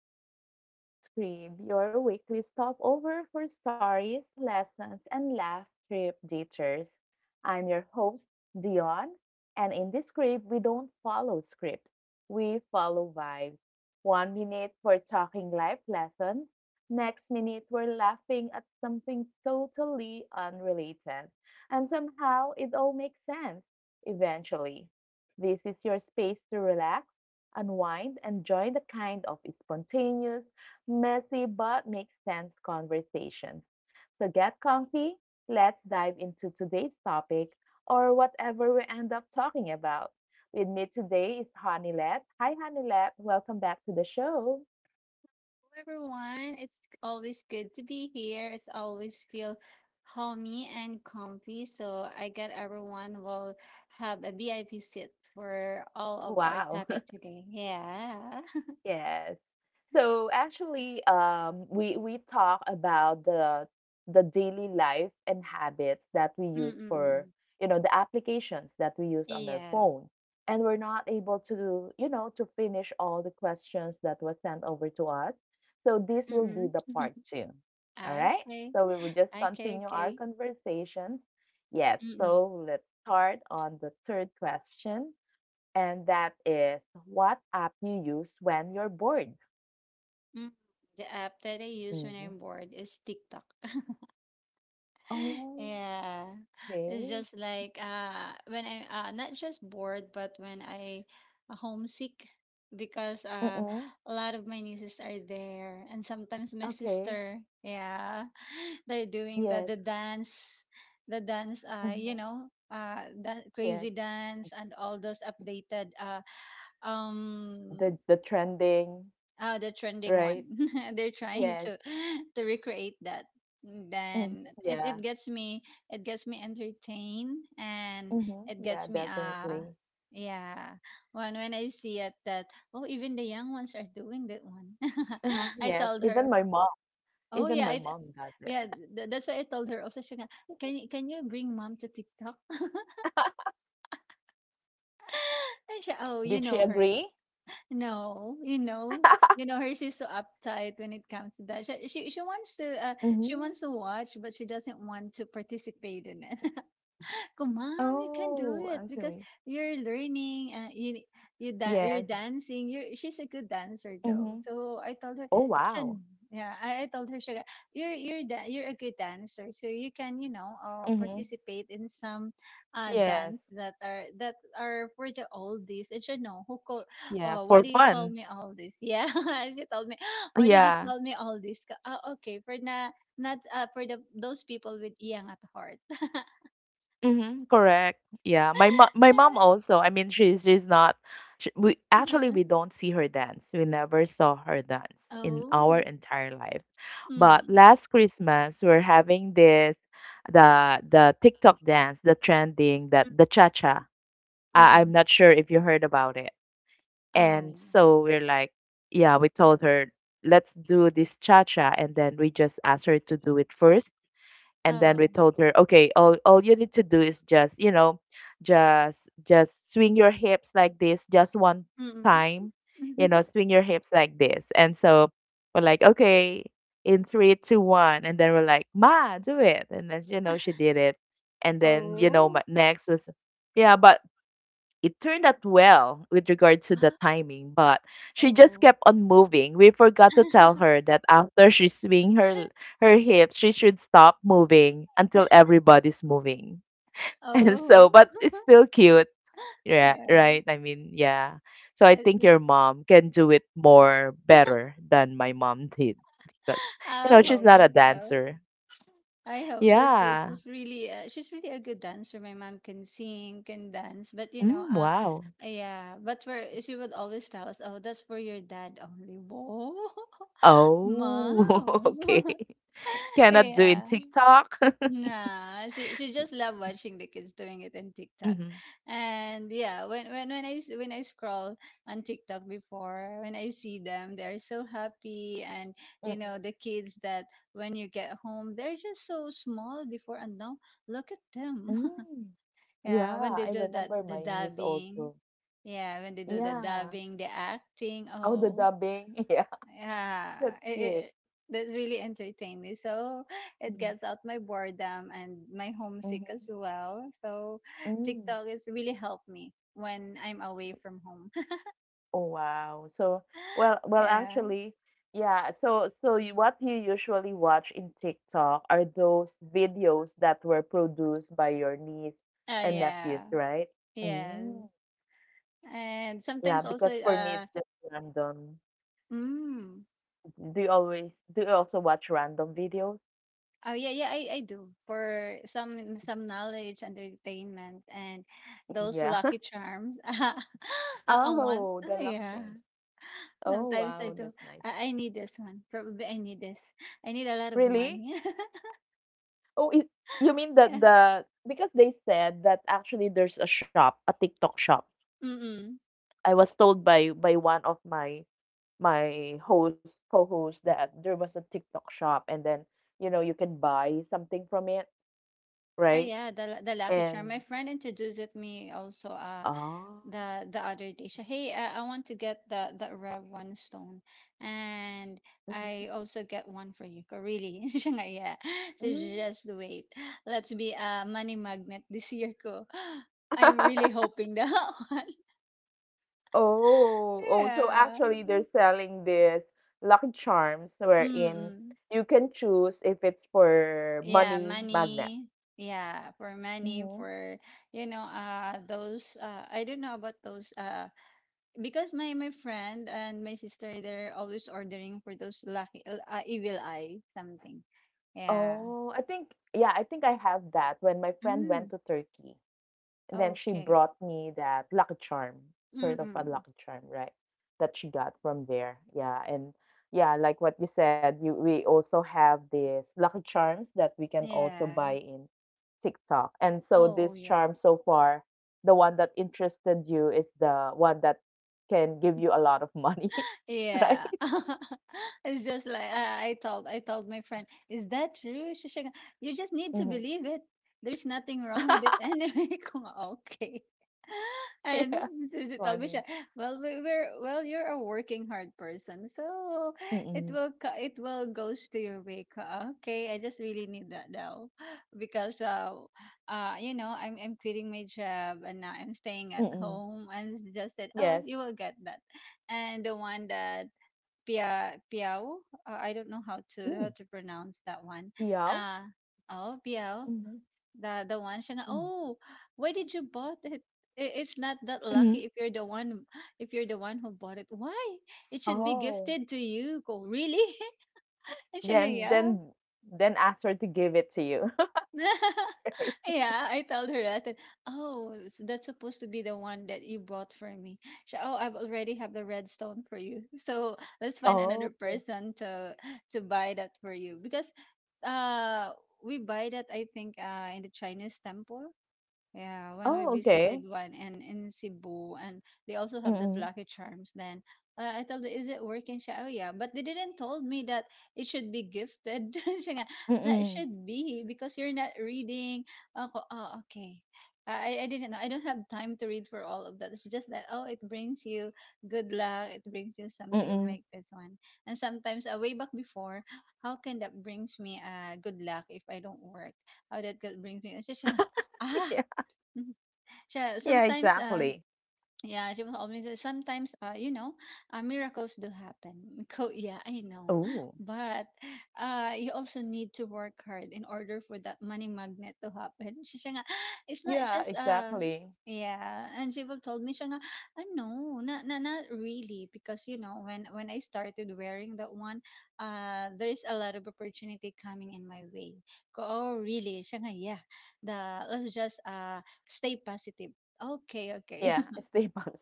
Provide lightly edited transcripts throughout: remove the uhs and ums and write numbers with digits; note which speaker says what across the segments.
Speaker 1: welcome back to the On Screen, your weekly stopover for stories, lessons, and laugh trip detours. I'm your host, Dion, and in this script, we don't follow scripts, we follow vibes. One minute, we're talking life lessons, next minute, we're laughing at something totally unrelated, and somehow it all makes sense eventually. This is your space to relax. Unwind and join the kind of spontaneous, messy, but makes sense conversations. So get comfy. Let's dive into today's topic or whatever we end up talking about. With me today is Hanilet. Hi, Hanilet. Welcome back to the show.
Speaker 2: Everyone, it's always good to be here. It's always feel homey and comfy. So I get everyone will have a VIP seat for all of our
Speaker 1: Wow.
Speaker 2: topic today. Yeah.
Speaker 1: Yes. So actually, we talk about the daily life and habits that we use for
Speaker 2: Mm-mm.
Speaker 1: you know the applications that we use on our
Speaker 2: Yeah.
Speaker 1: phone, and we're not able to you know to finish all the questions that was sent over to us. So this will be
Speaker 2: Mm-mm.
Speaker 1: the part two. All right.
Speaker 2: Okay.
Speaker 1: So we will just
Speaker 2: Okay.
Speaker 1: continue our
Speaker 2: Okay.
Speaker 1: conversations. Yes.
Speaker 2: Mm-mm.
Speaker 1: So let's start on the third question, and that is what app you use when you're bored.
Speaker 2: Mm. The app that I use when
Speaker 1: Mhm.
Speaker 2: I'm bored is TikTok.
Speaker 1: Oh,
Speaker 2: Yeah, it's
Speaker 1: okay.
Speaker 2: just like when I'm not just bored but when I homesick because
Speaker 1: Mm-mm.
Speaker 2: a lot of my nieces are there and sometimes my
Speaker 1: Okay.
Speaker 2: sister, yeah. They're doing the
Speaker 1: Yes.
Speaker 2: the dance, the dance, you
Speaker 1: Mm-hmm.
Speaker 2: know, that crazy
Speaker 1: Yes.
Speaker 2: dance and all those updated um
Speaker 1: The trending,
Speaker 2: the trending one.
Speaker 1: right?
Speaker 2: They're trying
Speaker 1: Yes.
Speaker 2: to to recreate that.
Speaker 1: Mm-hmm.
Speaker 2: Then it
Speaker 1: Yeah.
Speaker 2: gets me, it gets me entertained, and
Speaker 1: Mm-hmm.
Speaker 2: it gets
Speaker 1: Yeah,
Speaker 2: me
Speaker 1: definitely.
Speaker 2: yeah, when I see it that oh, even the young ones are doing that one.
Speaker 1: Uh-huh.
Speaker 2: I
Speaker 1: Yes.
Speaker 2: told her, oh yeah
Speaker 1: Even my mom does
Speaker 2: yeah,
Speaker 1: it.
Speaker 2: that's why I told her also, Shana, can you bring mom to TikTok? And she, oh, you
Speaker 1: Did
Speaker 2: know
Speaker 1: she
Speaker 2: her.
Speaker 1: agree?
Speaker 2: No, you know, hers is so uptight when it comes to that. She
Speaker 1: Mm-hmm.
Speaker 2: wants to watch, but she doesn't want to participate in it. Go, mom, you can do
Speaker 1: Oh,
Speaker 2: it because
Speaker 1: actually.
Speaker 2: you're learning. You you're
Speaker 1: Yes.
Speaker 2: dancing. You're, she's a good dancer though.
Speaker 1: Mm-hmm.
Speaker 2: So I told her,
Speaker 1: Oh, wow.
Speaker 2: Shan, yeah, I told her, Shaga, you're a good dancer. So you can, you know,
Speaker 1: Mm-hmm.
Speaker 2: participate in some
Speaker 1: Yes.
Speaker 2: dance that are, that are for the oldies. And she, no, who call?
Speaker 1: Yeah,
Speaker 2: Oh, why
Speaker 1: for
Speaker 2: do you call
Speaker 1: fun.
Speaker 2: me oldies? Yeah, she told me, why did you
Speaker 1: Yeah.
Speaker 2: call me oldies? Ka- oh, okay, for na, not for the those people with iyang at heart.
Speaker 1: Mhm, correct. Yeah, my mo my mom also. I mean, she's not. She, we actually we
Speaker 2: Mm.
Speaker 1: don't see her dance. We never saw her dance in our
Speaker 2: Oh.
Speaker 1: entire life. But
Speaker 2: Mm.
Speaker 1: last Christmas, we're having this the TikTok dance, the trending that the cha cha. I'm
Speaker 2: Mm.
Speaker 1: not sure if you heard about it. And
Speaker 2: Oh.
Speaker 1: so we're like, yeah, we told her let's do this cha cha, and then we just asked her to do it first and then we
Speaker 2: Oh.
Speaker 1: told her okay all you need to do is just you know just swing your hips like this just one
Speaker 2: Mm.
Speaker 1: time you know swing your hips like this and so we're like okay in 3, 2, 1 and then we're like ma do it and then you know she did it and then you know
Speaker 2: Oh.
Speaker 1: my next was yeah but it turned out well with regards to the
Speaker 2: Ah.
Speaker 1: timing, but she just
Speaker 2: Oh.
Speaker 1: kept on moving. We forgot to tell her that after she swing her her hips, she should stop moving until everybody's moving. And so,
Speaker 2: Oh.
Speaker 1: but it's still cute. Yeah,
Speaker 2: Yeah.
Speaker 1: right. I mean, yeah. So I
Speaker 2: It
Speaker 1: think
Speaker 2: was,
Speaker 1: your mom can do it more better than my mom did because you
Speaker 2: I
Speaker 1: know she's
Speaker 2: hope
Speaker 1: not a
Speaker 2: so.
Speaker 1: dancer.
Speaker 2: I hope so. She's
Speaker 1: Yeah.
Speaker 2: just really, she's really a good dancer. My mom can sing, can dance, but you know,
Speaker 1: Mm, wow.
Speaker 2: yeah. But for, she would always tell us, "Oh, that's for your dad only." Whoa,
Speaker 1: Oh,
Speaker 2: mom.
Speaker 1: okay. Cannot do in
Speaker 2: Yeah.
Speaker 1: TikTok.
Speaker 2: Nah, she just love watching the kids doing it in TikTok,
Speaker 1: Mhm.
Speaker 2: and yeah, when I scroll on TikTok before, when I see them, they're so happy, and you know,
Speaker 1: Mm-mm.
Speaker 2: the kids that when you get home, they're just so small before, and now look at them.
Speaker 1: Mm.
Speaker 2: Yeah, when
Speaker 1: Yeah,
Speaker 2: they
Speaker 1: I
Speaker 2: do that,
Speaker 1: remember
Speaker 2: the
Speaker 1: my niece
Speaker 2: dubbing.
Speaker 1: also.
Speaker 2: Yeah, when they do the
Speaker 1: Yeah.
Speaker 2: dubbing, the acting.
Speaker 1: Oh, the
Speaker 2: Oh
Speaker 1: dubbing. Yeah,
Speaker 2: yeah,
Speaker 1: that's
Speaker 2: it,
Speaker 1: cute.
Speaker 2: it, that really entertained me. So it
Speaker 1: Mm-hmm.
Speaker 2: gets out my boredom and my homesick as
Speaker 1: Mm-hmm.
Speaker 2: well. So
Speaker 1: Mm.
Speaker 2: TikTok has really helped me when I'm away from home.
Speaker 1: Oh, wow. So, well,
Speaker 2: Yeah.
Speaker 1: actually, yeah. So you, what you usually watch in TikTok are those videos that were produced by your niece and
Speaker 2: Yeah.
Speaker 1: nephews, right?
Speaker 2: Yeah.
Speaker 1: Mm.
Speaker 2: And
Speaker 1: Yeah,
Speaker 2: sometimes also
Speaker 1: because for me, it's just random.
Speaker 2: mm,
Speaker 1: Do you always do you also watch random videos?
Speaker 2: oh yeah, yeah, I do for some knowledge entertainment and those
Speaker 1: Yeah.
Speaker 2: lucky charms. I want,
Speaker 1: Oh, the lucky
Speaker 2: yeah.
Speaker 1: charms. Oh,
Speaker 2: Sometimes I
Speaker 1: wow,
Speaker 2: do,
Speaker 1: that's nice.
Speaker 2: I need this one. Probably I need this. I need a lot of
Speaker 1: Really?
Speaker 2: money.
Speaker 1: Oh, it, you mean
Speaker 2: Yeah.
Speaker 1: that the because they said that actually there's a shop, a TikTok shop.
Speaker 2: Mm.
Speaker 1: I was told by one of my my host co-host that there was a TikTok shop and then you know you can buy something from it,
Speaker 2: Oh
Speaker 1: right?
Speaker 2: yeah, the Lucky
Speaker 1: And
Speaker 2: Charm. My friend introduced it me also,
Speaker 1: oh.
Speaker 2: the other day. She, "Hey, I want to get the red one stone, and
Speaker 1: Mhm.
Speaker 2: I also get one for you." Ko, "Really?" Siya nga, "Yeah." So
Speaker 1: Mm.
Speaker 2: just wait. Let's be a money magnet this year ko. I'm really hoping that one.
Speaker 1: Oh, so
Speaker 2: Yeah.
Speaker 1: actually they're selling this Lucky Charms wherein
Speaker 2: Mm-mm.
Speaker 1: you can choose if it's for
Speaker 2: Yeah,
Speaker 1: money magnet.
Speaker 2: money. Yeah, for money,
Speaker 1: Hmm.
Speaker 2: for you know, those. I don't know about those. Because my friend and my sister, they're always ordering for those lucky, evil eye something. Yeah.
Speaker 1: Oh, I think yeah, I think I have that when my friend
Speaker 2: Mm.
Speaker 1: went to Turkey. And then she
Speaker 2: Okay.
Speaker 1: brought me that Lucky Charm, sort of a
Speaker 2: Mm-mm.
Speaker 1: Lucky Charm, right? That she got from there. Yeah, and yeah, like what you said, you we also have these Lucky Charms that we can also
Speaker 2: Yeah.
Speaker 1: buy in TikTok. And so
Speaker 2: Oh, oh,
Speaker 1: this
Speaker 2: yeah.
Speaker 1: charm so far, the one that interested you is the one that can give you a lot of money,
Speaker 2: Yeah.
Speaker 1: right?
Speaker 2: It's just like I told, I told my friend, is that true? She said, you just need to
Speaker 1: Mhm.
Speaker 2: believe it. There's nothing wrong with it anyway. Kung okay. And
Speaker 1: Yeah,
Speaker 2: so she told me siya,
Speaker 1: funny.
Speaker 2: well we, we're, well you're a working hard person. So it
Speaker 1: Mm-mm.
Speaker 2: will co-, it will goes to your way. Ka- okay, I just really need that now. Because you know, I'm quitting my job and now I'm staying at
Speaker 1: Mm-mm.
Speaker 2: home and she just said, "Oh,
Speaker 1: Yes.
Speaker 2: you will get that." And the one that Pia Piao. I don't know how to, how to
Speaker 1: Mm.
Speaker 2: pronounce that one.
Speaker 1: Piao?
Speaker 2: Uh oh, Piao.
Speaker 1: Mm-hmm.
Speaker 2: The one siya nga,
Speaker 1: Mm.
Speaker 2: oh, why did you bought it? It's not that lucky
Speaker 1: Mm-hmm.
Speaker 2: if you're the one, if you're the one who bought it. Why? It should be gifted
Speaker 1: Oh.
Speaker 2: to you. Ko, really? And siya nga,
Speaker 1: Then
Speaker 2: yeah.
Speaker 1: Then ask her to give it to you. Right.
Speaker 2: Yeah, I told her that. And, oh, s- that's supposed to be the one that you brought for me. She, oh, I've already have the red stone for you. So let's find another
Speaker 1: Oh.
Speaker 2: person to buy that for you because uh we buy that, I think in the Chinese temple. Yeah, when we
Speaker 1: Oh,
Speaker 2: visited
Speaker 1: okay.
Speaker 2: one and in Cebu, and they also have that
Speaker 1: Mm-mm.
Speaker 2: Lucky Charms. Then I told her, "Is it working?" She, "Oh yeah," but they didn't told me that it should be gifted. Siya nga, that
Speaker 1: Mm-mm.
Speaker 2: should be because you're not reading. Ako, oh, okay. I didn't know. I don't have time to read for all of that. It's just that oh, it brings you good luck. It brings you something like
Speaker 1: Mm-mm.
Speaker 2: this one. And sometimes, way back before, how can that brings me good luck if I don't work? How that could brings me? It's just siya ah.
Speaker 1: Yeah.
Speaker 2: Mhm. Siya
Speaker 1: Yeah,
Speaker 2: sometimes, ah,
Speaker 1: exactly.
Speaker 2: yeah, she was always sometimes you know, miracles do happen. Co- yeah, I know.
Speaker 1: Oh.
Speaker 2: But you also need to work hard in order for that money magnet to happen. She siya nga, it's not
Speaker 1: Yeah,
Speaker 2: just
Speaker 1: exactly.
Speaker 2: yeah, and she will told me siya nga, "Ah, no, not really because you know, when I started wearing that one, there's a lot of opportunity coming in my way." Ko, "Oh, really?" Siya nga, "Yeah. The let's just stay positive." Okay, okay.
Speaker 1: Yeah, stay positive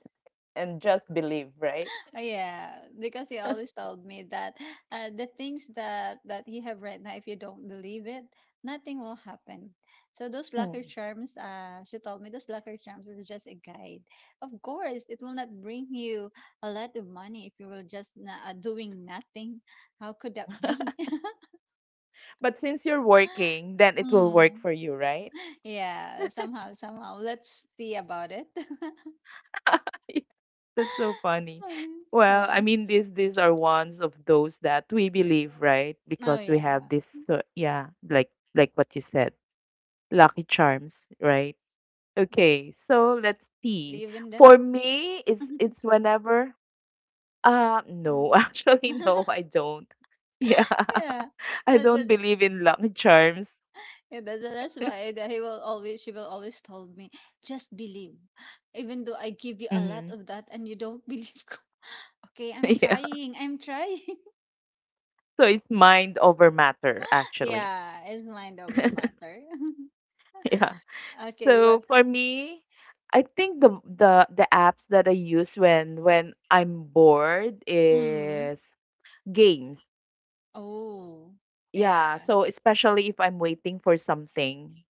Speaker 1: and just believe, right?
Speaker 2: Oh yeah, because he always told me that the things that that he have right now, if you don't believe it, nothing will happen. So those
Speaker 1: Mm.
Speaker 2: lucky charms, she told me those lucky charms is just a guide. Of course, it will not bring you a lot of money if you will just na- doing nothing. How could that be?
Speaker 1: But since you're working, then it will work
Speaker 2: Mm.
Speaker 1: for you, right?
Speaker 2: Yeah, somehow, somehow. Let's see about it.
Speaker 1: Yeah, that's so funny.
Speaker 2: Mm,
Speaker 1: Well,
Speaker 2: yeah.
Speaker 1: I mean, these are ones of those that we believe, right?
Speaker 2: Oh
Speaker 1: Because we
Speaker 2: yeah.
Speaker 1: have this, so yeah, like what you said. Lucky Charms, right?
Speaker 2: Mm, mm, mm,
Speaker 1: Okay,
Speaker 2: mm.
Speaker 1: so
Speaker 2: Do
Speaker 1: let's
Speaker 2: you also
Speaker 1: see.
Speaker 2: believe in that?
Speaker 1: For me, it's whenever
Speaker 2: Oh.
Speaker 1: no, actually no, I don't. Yeah.
Speaker 2: Yeah,
Speaker 1: I
Speaker 2: that,
Speaker 1: don't
Speaker 2: that, that-
Speaker 1: believe in Lucky Charms.
Speaker 2: yeah, that's why that he will always, she will always told me, just believe, even though I give you a lot
Speaker 1: Hmm.
Speaker 2: of that and you don't believe. Okay, I'm
Speaker 1: Yeah.
Speaker 2: trying, I'm trying.
Speaker 1: So it's mind over matter actually.
Speaker 2: Yeah, it's mind over matter.
Speaker 1: Yeah.
Speaker 2: Okay, what?
Speaker 1: So for me, I think the
Speaker 2: Mm.
Speaker 1: the the apps that I use when I'm bored
Speaker 2: Mm.
Speaker 1: is games.
Speaker 2: Oh
Speaker 1: Yeah,
Speaker 2: yeah.
Speaker 1: so especially if I'm waiting for something,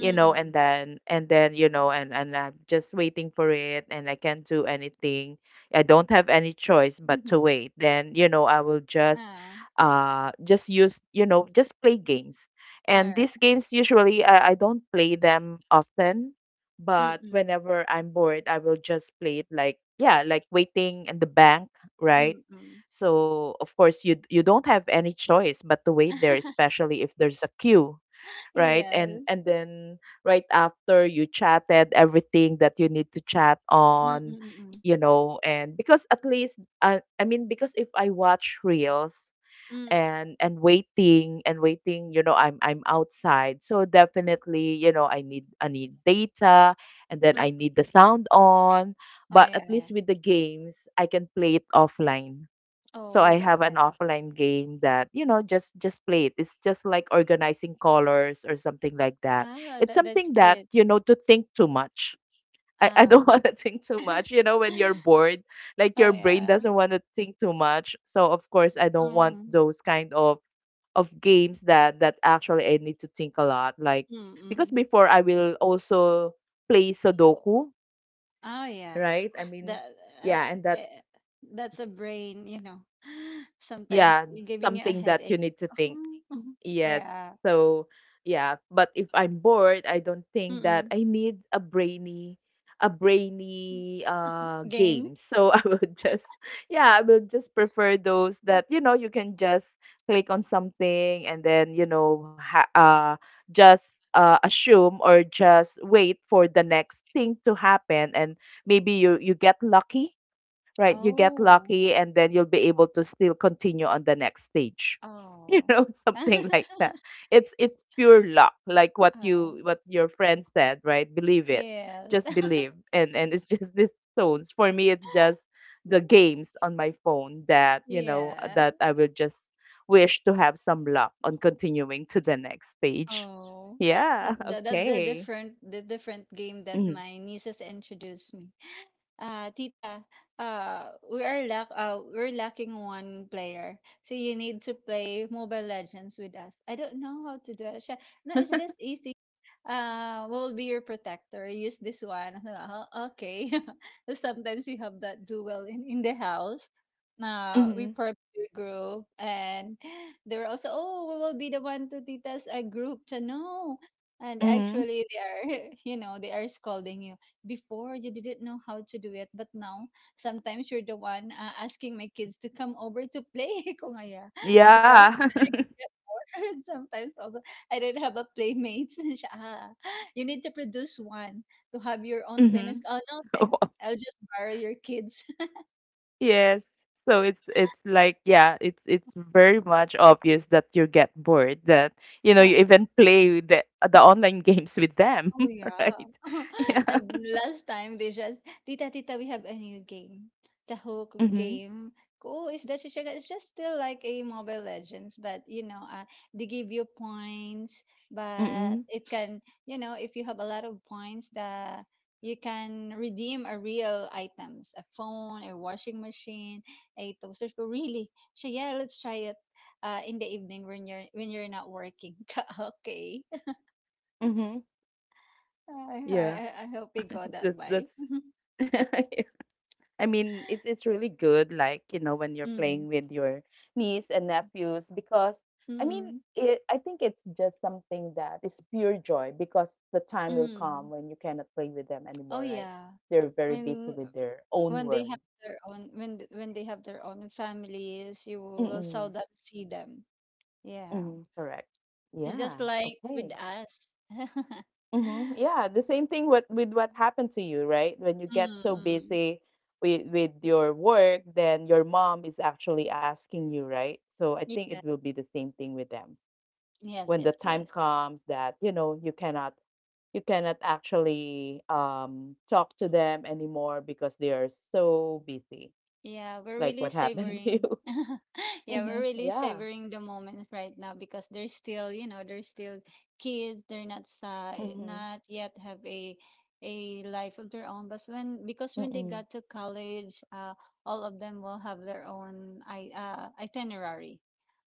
Speaker 1: you know, and then and then, you know, and I'm just waiting for it and I can't do anything. I don't have any choice but to wait. Then, you know, I will just
Speaker 2: Ah,
Speaker 1: just use, you know, just play games.
Speaker 2: all
Speaker 1: And
Speaker 2: right.
Speaker 1: these games usually I don't play them often, but
Speaker 2: Mm-mm.
Speaker 1: whenever I'm bored, I will just play it like yeah, like waiting in the bank, right?
Speaker 2: Mm-mm.
Speaker 1: So of course you you don't have any choice but to wait there, especially if there's a queue, right?
Speaker 2: Yes.
Speaker 1: And then right after you chatted everything that you need to chat on,
Speaker 2: Mm-mm-mm.
Speaker 1: you know, and because at least I mean because if I watch reels
Speaker 2: Mm,
Speaker 1: and waiting, you know, I'm outside. So definitely, you know, I need data and then
Speaker 2: mm, mm,
Speaker 1: I need the
Speaker 2: mm.
Speaker 1: sound on.
Speaker 2: Oh
Speaker 1: But at
Speaker 2: yeah, yeah.
Speaker 1: least with the games, I can play it offline so
Speaker 2: Oh
Speaker 1: I
Speaker 2: yeah,
Speaker 1: have
Speaker 2: yeah.
Speaker 1: an offline game that, you know, just play it. It's just like organizing colors or something like that.
Speaker 2: Ah,
Speaker 1: It's
Speaker 2: that that's
Speaker 1: something that,
Speaker 2: cute.
Speaker 1: you know, to think too much. I don't
Speaker 2: Um.
Speaker 1: want to think too much, you know, when you're bored, like
Speaker 2: Oh
Speaker 1: your brain
Speaker 2: yeah.
Speaker 1: doesn't want to think too much. So of course I don't want
Speaker 2: Mm,
Speaker 1: those kind of games that that actually I need to think a lot. Like
Speaker 2: mm,
Speaker 1: because
Speaker 2: mm.
Speaker 1: before I will also play Sudoku,
Speaker 2: Oh yeah.
Speaker 1: right? I mean,
Speaker 2: That uh,
Speaker 1: yeah, and that
Speaker 2: eh, that's a brain, you know. Sometimes
Speaker 1: yeah,
Speaker 2: giving you a
Speaker 1: something that you
Speaker 2: headache.
Speaker 1: need to think. Yes.
Speaker 2: Yeah.
Speaker 1: So, yeah, but if I'm bored, I don't think that
Speaker 2: Mm-mm.
Speaker 1: I need a brainy
Speaker 2: Game?
Speaker 1: game. So I would just yeah, I would just prefer those that you know, you can just click on something and then, you know, just assume or just wait for the next thing to happen and maybe you you get lucky. Right, you get
Speaker 2: Oh.
Speaker 1: lucky and then you'll be able to still continue on the next stage. You
Speaker 2: Oh.
Speaker 1: know, something like that. It's pure luck, like what you
Speaker 2: Oh.
Speaker 1: what your friend said, right? Believe it.
Speaker 2: Yeah.
Speaker 1: Just believe. And it's just these tones. For me, it's just the games on my phone that, you know,
Speaker 2: Yeah.
Speaker 1: that I will just wish to have some luck on continuing to the next stage.
Speaker 2: Oh, that,
Speaker 1: Yeah,
Speaker 2: that that's the
Speaker 1: okay.
Speaker 2: different, the different game that
Speaker 1: Mm-hmm.
Speaker 2: my nieces introduced me. Tita, uh, we are lack, we're lacking one player, so you need to play Mobile Legends with us. I don't know how to do it. Siya, no, it's just easy, will be your protector. Use this one. Okay. Sometimes we have that duel in the house. We
Speaker 1: Mm-hmm.
Speaker 2: formed a group and they were also, oh, we will be the one to tita's a group. So no. And
Speaker 1: Mm-hmm.
Speaker 2: actually they are, you know, they are scolding you. Before you didn't know how to do it, but now sometimes you're the one asking my kids to come over to play. Kung aya. Because
Speaker 1: Yeah.
Speaker 2: sometimes also, I don't have a playmates. Siya, ah, you need to produce one to have your own
Speaker 1: Mm-hmm.
Speaker 2: playmates. Oh, no, thanks. I'll just borrow your kids.
Speaker 1: Yes. So it's like yeah, it's very much obvious that you get bored that you know you even play the online games with them,
Speaker 2: Oh yeah.
Speaker 1: right? Yeah.
Speaker 2: And last time they just, Tita, Tita, we have a new game. The hook
Speaker 1: Mhm.
Speaker 2: game. Oh, is that Shishaga? It's just still like a Mobile Legends, but you know, they give you points, but
Speaker 1: Mhm.
Speaker 2: it can, you know, if you have a lot of points, the you can redeem a real items, a phone, a washing machine, a toaster. Oh, really? So yeah, let's try it in the evening when you're, when you're not working. Okay.
Speaker 1: Mhm. Yeah.
Speaker 2: I hope we go that way.
Speaker 1: That's I mean, it's really good, like you know, when you're
Speaker 2: Mm.
Speaker 1: playing with your niece and nephews, because I mean,
Speaker 2: Mm.
Speaker 1: it, I think it's just something that is pure joy, because the time will
Speaker 2: Mm.
Speaker 1: come when you cannot play with them
Speaker 2: Oh
Speaker 1: anymore, right?
Speaker 2: yeah.
Speaker 1: They're very busy
Speaker 2: When
Speaker 1: with their own
Speaker 2: when they have
Speaker 1: world.
Speaker 2: their own when th- when they have their own families, you will
Speaker 1: Mm-mm,
Speaker 2: seldom see them. Yeah.
Speaker 1: mm-mm, correct.
Speaker 2: It's just
Speaker 1: Yeah.
Speaker 2: like with
Speaker 1: Okay.
Speaker 2: us. mm.
Speaker 1: Hmm. Yeah, the same thing with what happened to you, right? When you get so
Speaker 2: mm.
Speaker 1: busy with your work, then your mom is actually asking you, right? So I think it will be the same thing with them.
Speaker 2: Yes,
Speaker 1: When the
Speaker 2: yes,
Speaker 1: time
Speaker 2: yes.
Speaker 1: comes that, you know, you cannot actually talk to them anymore because they are so busy,
Speaker 2: Yeah, we're
Speaker 1: like
Speaker 2: really
Speaker 1: what happened to
Speaker 2: savoring.
Speaker 1: you.
Speaker 2: Yeah,
Speaker 1: Mm-hmm.
Speaker 2: we're really
Speaker 1: Yeah.
Speaker 2: savoring the moment right now because they're still, they're still kids. They're not
Speaker 1: Mm-hmm.
Speaker 2: not yet have a life of their own. But when because when they
Speaker 1: Mm-mm.
Speaker 2: got to college, all of them will have their own I itinerary.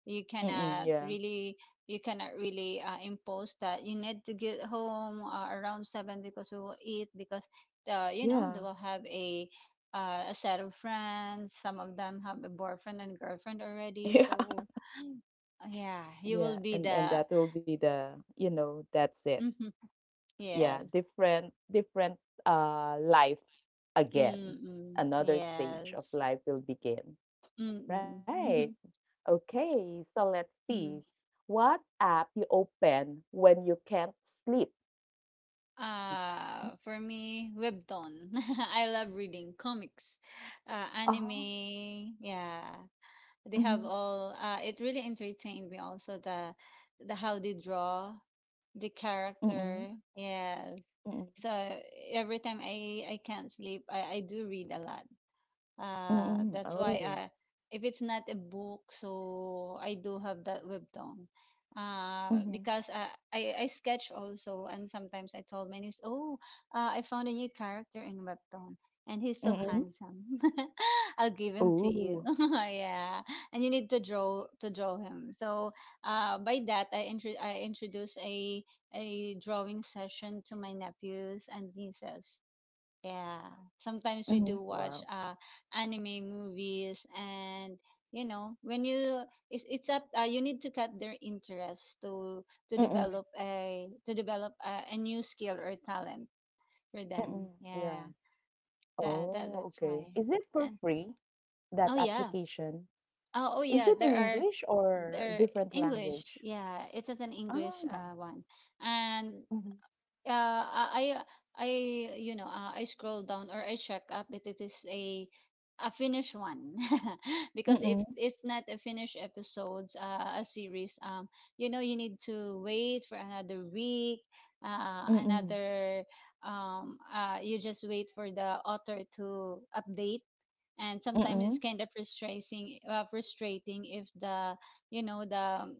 Speaker 2: You
Speaker 1: Mm-mm.
Speaker 2: cannot
Speaker 1: Yeah.
Speaker 2: really you cannot really impose that you need to get home around seven because we will eat because they
Speaker 1: Yeah.
Speaker 2: will have a set of friends. Some of them have a boyfriend and girlfriend already.
Speaker 1: Yeah.
Speaker 2: So yeah, you will
Speaker 1: Yeah,
Speaker 2: be
Speaker 1: and
Speaker 2: the
Speaker 1: that will be the, you know, that's it.
Speaker 2: mm-hmm,
Speaker 1: Yeah,
Speaker 2: yes,
Speaker 1: different life again.
Speaker 2: mm-mm,
Speaker 1: Another stage
Speaker 2: yes,
Speaker 1: of life will begin.
Speaker 2: mm-mm,
Speaker 1: Right.
Speaker 2: mm-hmm,
Speaker 1: Okay, so let's see.
Speaker 2: mm-hmm.
Speaker 1: What app you open when you can't sleep?
Speaker 2: For me, webtoon. I love reading comics,
Speaker 1: Oh.
Speaker 2: anime. Yeah, they
Speaker 1: Mm-hmm.
Speaker 2: have all. It really entertained me. Also the how they draw the
Speaker 1: Mm-hmm.
Speaker 2: character. Yes,
Speaker 1: Mm-hmm.
Speaker 2: so every time I can't sleep, I do read a lot.
Speaker 1: Mm-hmm.
Speaker 2: That's why
Speaker 1: Oh.
Speaker 2: If it's not a book, so I do have that webtoon.
Speaker 1: Mm-hmm.
Speaker 2: Because I sketch also, and sometimes I told my niece, I found a new character in webtoon, and he's so
Speaker 1: Mm-hmm.
Speaker 2: handsome. I'll give him to you.
Speaker 1: Ooh.
Speaker 2: Yeah, and you need to draw him. So by that, I introduced a drawing session to my nephews and nieces, yeah, sometimes we
Speaker 1: Mm-hmm.
Speaker 2: do watch
Speaker 1: Wow.
Speaker 2: anime movies, and you know when you it's up you need to cut their interest to
Speaker 1: Mm-hmm.
Speaker 2: to develop a new skill or talent for them.
Speaker 1: Mm-hmm.
Speaker 2: Yeah,
Speaker 1: Yeah.
Speaker 2: that
Speaker 1: Oh,
Speaker 2: that's
Speaker 1: okay.
Speaker 2: why.
Speaker 1: Is it for
Speaker 2: And
Speaker 1: free, that
Speaker 2: oh yeah,
Speaker 1: application?
Speaker 2: oh
Speaker 1: Is it
Speaker 2: yeah,
Speaker 1: in English or
Speaker 2: there
Speaker 1: different
Speaker 2: English.
Speaker 1: language?
Speaker 2: Yeah, it is an English
Speaker 1: Ah,
Speaker 2: one, and
Speaker 1: mhm.
Speaker 2: uh, I I you know, I scroll down or I check up if it is a finished one. Because if
Speaker 1: Mm-mm,
Speaker 2: it's not a finished episodes a series, you know, you need to wait for another week,
Speaker 1: mm-mm,
Speaker 2: another you just wait for the author to update, and sometimes it's
Speaker 1: mm-mm,
Speaker 2: kind of frustrating, frustrating if the you know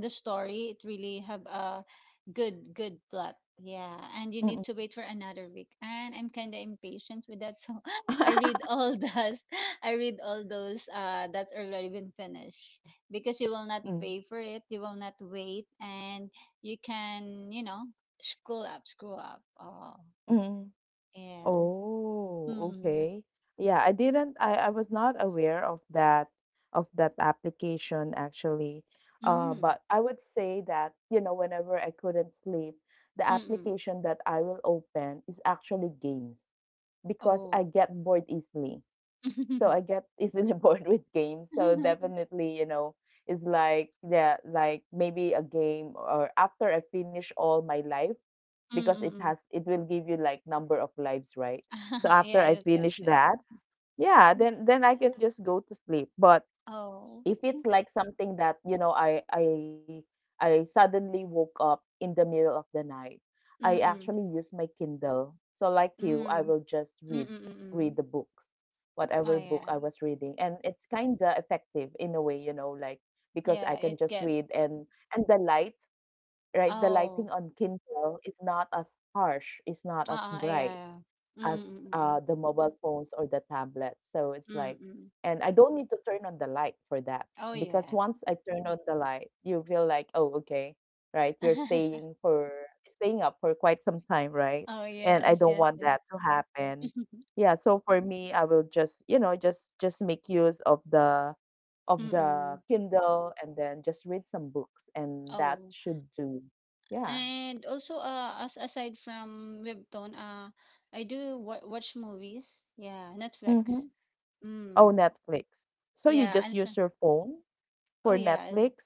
Speaker 2: the story it really have a good plot, yeah, and you need
Speaker 1: mm-mm.
Speaker 2: to wait for another week, and I'm kind of impatient with that. So I read all those I read all those that's already been finished, because you will not
Speaker 1: Mm,
Speaker 2: pay for it, you will not wait, and you can, you know, scroll up. Oh,
Speaker 1: mm.
Speaker 2: yes.
Speaker 1: Oh,
Speaker 2: mm
Speaker 1: okay. Yeah, I didn't, I was not aware of that application actually.
Speaker 2: mm
Speaker 1: But I would say that, you know, whenever I couldn't sleep, the
Speaker 2: mm mm.
Speaker 1: application that I will open is actually games. Because
Speaker 2: Oh.
Speaker 1: I get bored easily. So
Speaker 2: mm
Speaker 1: I get easily bored with games. So
Speaker 2: mm
Speaker 1: definitely, you know, it's like yeah, like maybe a game or after I finish all my life because it
Speaker 2: mm.
Speaker 1: has it will give you like number of lives, right? So after
Speaker 2: Yeah,
Speaker 1: I
Speaker 2: yes, yes,
Speaker 1: finish
Speaker 2: yes.
Speaker 1: that, yeah, then I can just go to sleep. But
Speaker 2: Oh.
Speaker 1: if it's like something that, you know, I suddenly woke up in the middle of the night, I actually
Speaker 2: Mm.
Speaker 1: use my Kindle. So like you, I will
Speaker 2: Mm.
Speaker 1: just read
Speaker 2: Mm, mm,
Speaker 1: read
Speaker 2: mm.
Speaker 1: the books, whatever
Speaker 2: Oh,
Speaker 1: book I
Speaker 2: yeah.
Speaker 1: was reading. And it's kind of effective in a way, you know, like because I
Speaker 2: Yeah,
Speaker 1: can
Speaker 2: it
Speaker 1: just
Speaker 2: get
Speaker 1: read and the light, right? The lighting
Speaker 2: oh.
Speaker 1: on Kindle is not as harsh, it's not as
Speaker 2: Uh-uh,
Speaker 1: bright
Speaker 2: yeah. Mm,
Speaker 1: as
Speaker 2: mm, mm, mm.
Speaker 1: the mobile phones or the tablets. So it's
Speaker 2: Mm,
Speaker 1: like,
Speaker 2: mm.
Speaker 1: and I don't need to turn on the light for that
Speaker 2: Oh,
Speaker 1: because
Speaker 2: yeah.
Speaker 1: once I turn on the light, you feel like, oh, okay, right? You're staying for staying up for quite some time, right?
Speaker 2: Oh,
Speaker 1: And I
Speaker 2: yes,
Speaker 1: don't
Speaker 2: yes,
Speaker 1: want
Speaker 2: yes.
Speaker 1: that to happen. Yeah, so for me, I will just, you know, just make use of the
Speaker 2: Mm-mm.
Speaker 1: Kindle and then just read some books and that
Speaker 2: Oh,
Speaker 1: should do. Yeah.
Speaker 2: and also, as aside from webtoon, I do wa watch movies. Yeah, Netflix.
Speaker 1: Mm-hmm. Oh,
Speaker 2: Mm.
Speaker 1: Netflix. So you
Speaker 2: Yeah,
Speaker 1: just
Speaker 2: and so,
Speaker 1: use your phone
Speaker 2: oh
Speaker 1: for
Speaker 2: yeah,
Speaker 1: Netflix?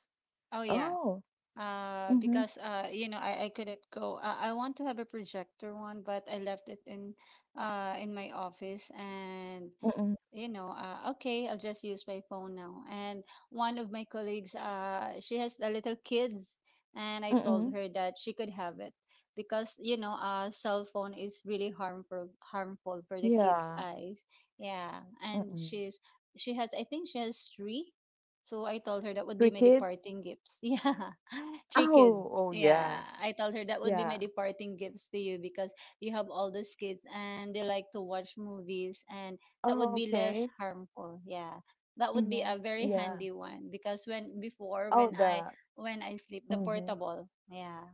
Speaker 2: oh yeah.
Speaker 1: Oh. Mhm.
Speaker 2: Because You know, I couldn't go, I want to have a projector one, but I left it in my office. And
Speaker 1: Mm-mm.
Speaker 2: you know, okay, I'll just use my phone now. And one of my colleagues, she has a little kids, and I told
Speaker 1: Mm-mm.
Speaker 2: her that she could have it because, you know, cell phone is really harmful, harmful for the kids'
Speaker 1: Yeah.
Speaker 2: eyes. Yeah, and
Speaker 1: Mm-mm.
Speaker 2: she has, I think, she has three. So I told her that would be
Speaker 1: Three
Speaker 2: my
Speaker 1: kids?
Speaker 2: departing gifts. Yeah, three kids.
Speaker 1: Oh, oh
Speaker 2: Yeah,
Speaker 1: yeah.
Speaker 2: I told her that would be my
Speaker 1: Yeah.
Speaker 2: departing gifts to you because you have all these kids and they like to watch movies, and that would
Speaker 1: Oh,
Speaker 2: be less
Speaker 1: okay.
Speaker 2: harmful, yeah, that would be
Speaker 1: Mhm.
Speaker 2: a very
Speaker 1: Yeah.
Speaker 2: handy one. Because when before
Speaker 1: Oh, the
Speaker 2: when I sleep the
Speaker 1: mhm.
Speaker 2: portable yeah,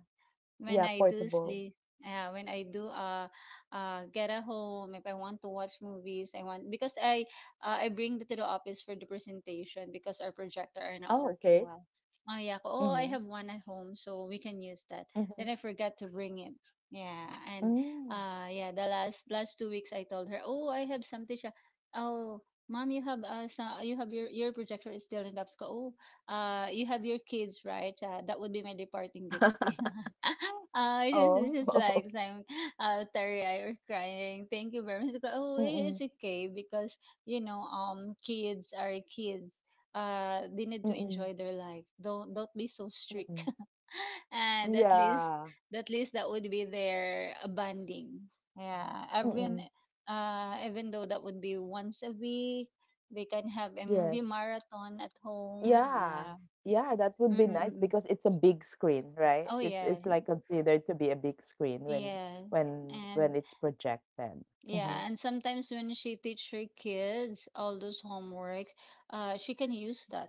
Speaker 1: Yeah,
Speaker 2: when I do
Speaker 1: portable.
Speaker 2: sleep, yeah, when I do get a home, if I want to watch movies, I want, because I bring it to the office for the presentation because our projector are
Speaker 1: Oh,
Speaker 2: not
Speaker 1: okay.
Speaker 2: working well. Oh yeah, ko, oh,
Speaker 1: Mhm.
Speaker 2: I have one at home, so we can use that.
Speaker 1: Mhm.
Speaker 2: Then I forgot to bring it. Yeah, and
Speaker 1: Mm.
Speaker 2: yeah, the last last 2 weeks I told her, oh, I have something. Siya. Oh, mom, you have you have your projector is still in the office. Ko, oh, you have your kids, right? That would be my departing gifts to you. This is
Speaker 1: Oh.
Speaker 2: like I'm teary-eyed or crying. Thank you very much. It's like, oh,
Speaker 1: Mm-mm.
Speaker 2: it's okay because, you know, kids are kids. They need to
Speaker 1: Mm-mm.
Speaker 2: enjoy their life. Don't be so
Speaker 1: Mm-mm.
Speaker 2: strict. And
Speaker 1: Yeah.
Speaker 2: at least that would be their bonding. Yeah,
Speaker 1: Mm-mm.
Speaker 2: everyone. Even though that would be once a week, they can have a
Speaker 1: Yes.
Speaker 2: movie marathon at home.
Speaker 1: Yeah.
Speaker 2: Yeah.
Speaker 1: Yeah, that would be nice
Speaker 2: Mm-mm-mm.
Speaker 1: because it's a big screen, right?
Speaker 2: Oh
Speaker 1: It's
Speaker 2: yes,
Speaker 1: like considered to be a big screen when
Speaker 2: yes.
Speaker 1: when
Speaker 2: And
Speaker 1: it's projected. Mm-hmm.
Speaker 2: yeah, and sometimes when she teach her kids all those homeworks, she can use that,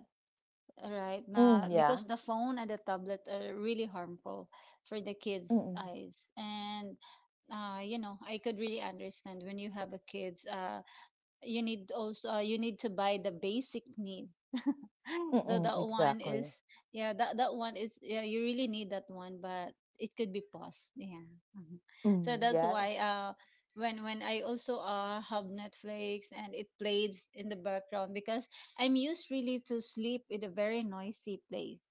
Speaker 2: right?
Speaker 1: Mm,
Speaker 2: Na,
Speaker 1: yeah.
Speaker 2: because the phone and the tablet are really harmful for the kids'
Speaker 1: Mm-mm.
Speaker 2: eyes. And you know, I could really understand when you have a kids, you need also you need to buy the basic needs. Though
Speaker 1: Mm-mm,
Speaker 2: that one is
Speaker 1: exactly.
Speaker 2: yeah, that one is, yeah, you really need that one, but it could be paused, yeah. Mhm. So
Speaker 1: Mm,
Speaker 2: that's
Speaker 1: yeah.
Speaker 2: why when I also have Netflix and it plays in the background, because I'm used really to sleep in a very noisy place,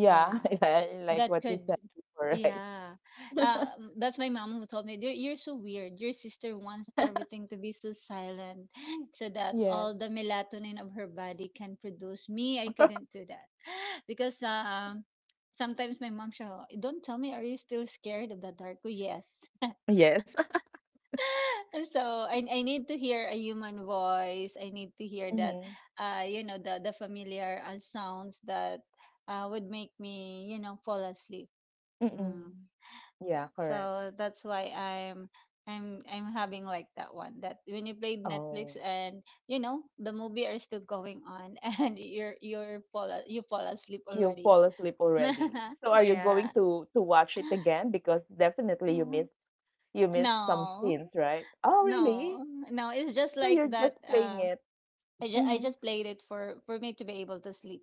Speaker 1: Yeah.
Speaker 2: yeah,
Speaker 1: Yeah. Like
Speaker 2: that
Speaker 1: what you
Speaker 2: could,
Speaker 1: said before, right?
Speaker 2: yeah. um, that's my mom who told me, you're so weird. Your sister wants everything to be so silent so that
Speaker 1: Yes.
Speaker 2: all the melatonin of her body can produce. Me, I couldn't do that. Because, sometimes my mom, she'll, don't tell me, are you still scared of the dark? Oh, yes.
Speaker 1: Yes.
Speaker 2: And so I need to hear a human voice. I need to hear that,
Speaker 1: Mm-hmm.
Speaker 2: you know, the familiar sounds that would make me, you know, fall asleep.
Speaker 1: Mm-mm.
Speaker 2: Mm.
Speaker 1: Yeah, correct.
Speaker 2: So that's why I'm having like that one, that when you played
Speaker 1: Oh,
Speaker 2: Netflix and, you know, the movie are still going on and you fall asleep
Speaker 1: you
Speaker 2: already.
Speaker 1: fall asleep already. So are you going
Speaker 2: Yeah.
Speaker 1: to watch it again? Because definitely
Speaker 2: Mhm.
Speaker 1: you missed some
Speaker 2: No.
Speaker 1: scenes, right? Oh, really?
Speaker 2: No. No, it's just
Speaker 1: So
Speaker 2: like
Speaker 1: you're just
Speaker 2: that
Speaker 1: playing it.
Speaker 2: I
Speaker 1: Mhm.
Speaker 2: just played it for me to be able to sleep.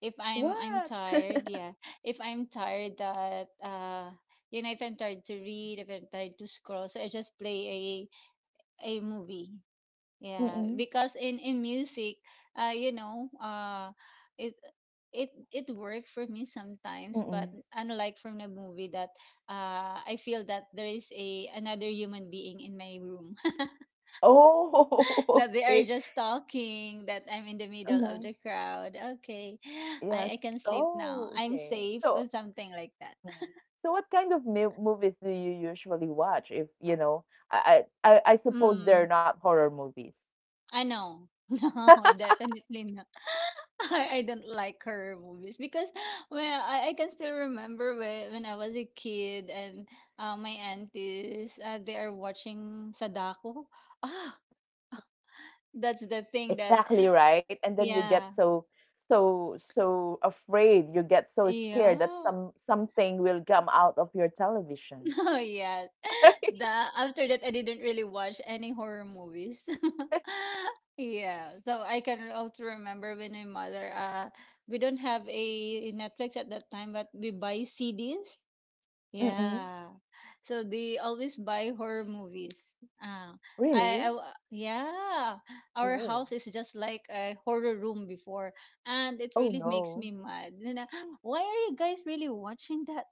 Speaker 2: If I'm
Speaker 1: What?
Speaker 2: tired, yeah. If I'm tired that you know, if I'm tired to read, if I'm tired to scroll, so I just play a movie. Yeah,
Speaker 1: Mm-mm.
Speaker 2: because in music, you know, it it it worked for me sometimes, but
Speaker 1: Mm-mm.
Speaker 2: unlike from the movie that, I feel that there is a another human being in my room
Speaker 1: Oh,
Speaker 2: that they are
Speaker 1: okay.
Speaker 2: just talking, that I'm in the middle of
Speaker 1: Mhm.
Speaker 2: the crowd. Okay,
Speaker 1: Yes.
Speaker 2: I can sleep now.
Speaker 1: Oh,
Speaker 2: I'm
Speaker 1: okay.
Speaker 2: safe
Speaker 1: So,
Speaker 2: or something like that.
Speaker 1: mhm, so what kind of mu movies do you usually watch? If you know, I suppose
Speaker 2: Mm.
Speaker 1: they're not horror movies.
Speaker 2: I know. No, definitely not. I don't like horror movies because, well, I can still remember when I was a kid and my aunties they are watching Sadako. Ah, that's the thing that,
Speaker 1: Exactly right. And then you get
Speaker 2: yeah.
Speaker 1: so, so afraid. You get so scared that
Speaker 2: Yeah.
Speaker 1: some something will come out of your television.
Speaker 2: Oh yeah. the After that I didn't really watch any horror movies. Yeah, so I can also remember when my mother we don't have a Netflix at that time, but we buy CDs,
Speaker 1: Mm-mm.
Speaker 2: yeah. So they always buy horror movies. Uh, I, I
Speaker 1: Really?
Speaker 2: w- yeah, our
Speaker 1: Oh.
Speaker 2: house is just like a horror room before, and it
Speaker 1: Oh
Speaker 2: really makes
Speaker 1: no.
Speaker 2: me mad. You know, why are you guys really watching that?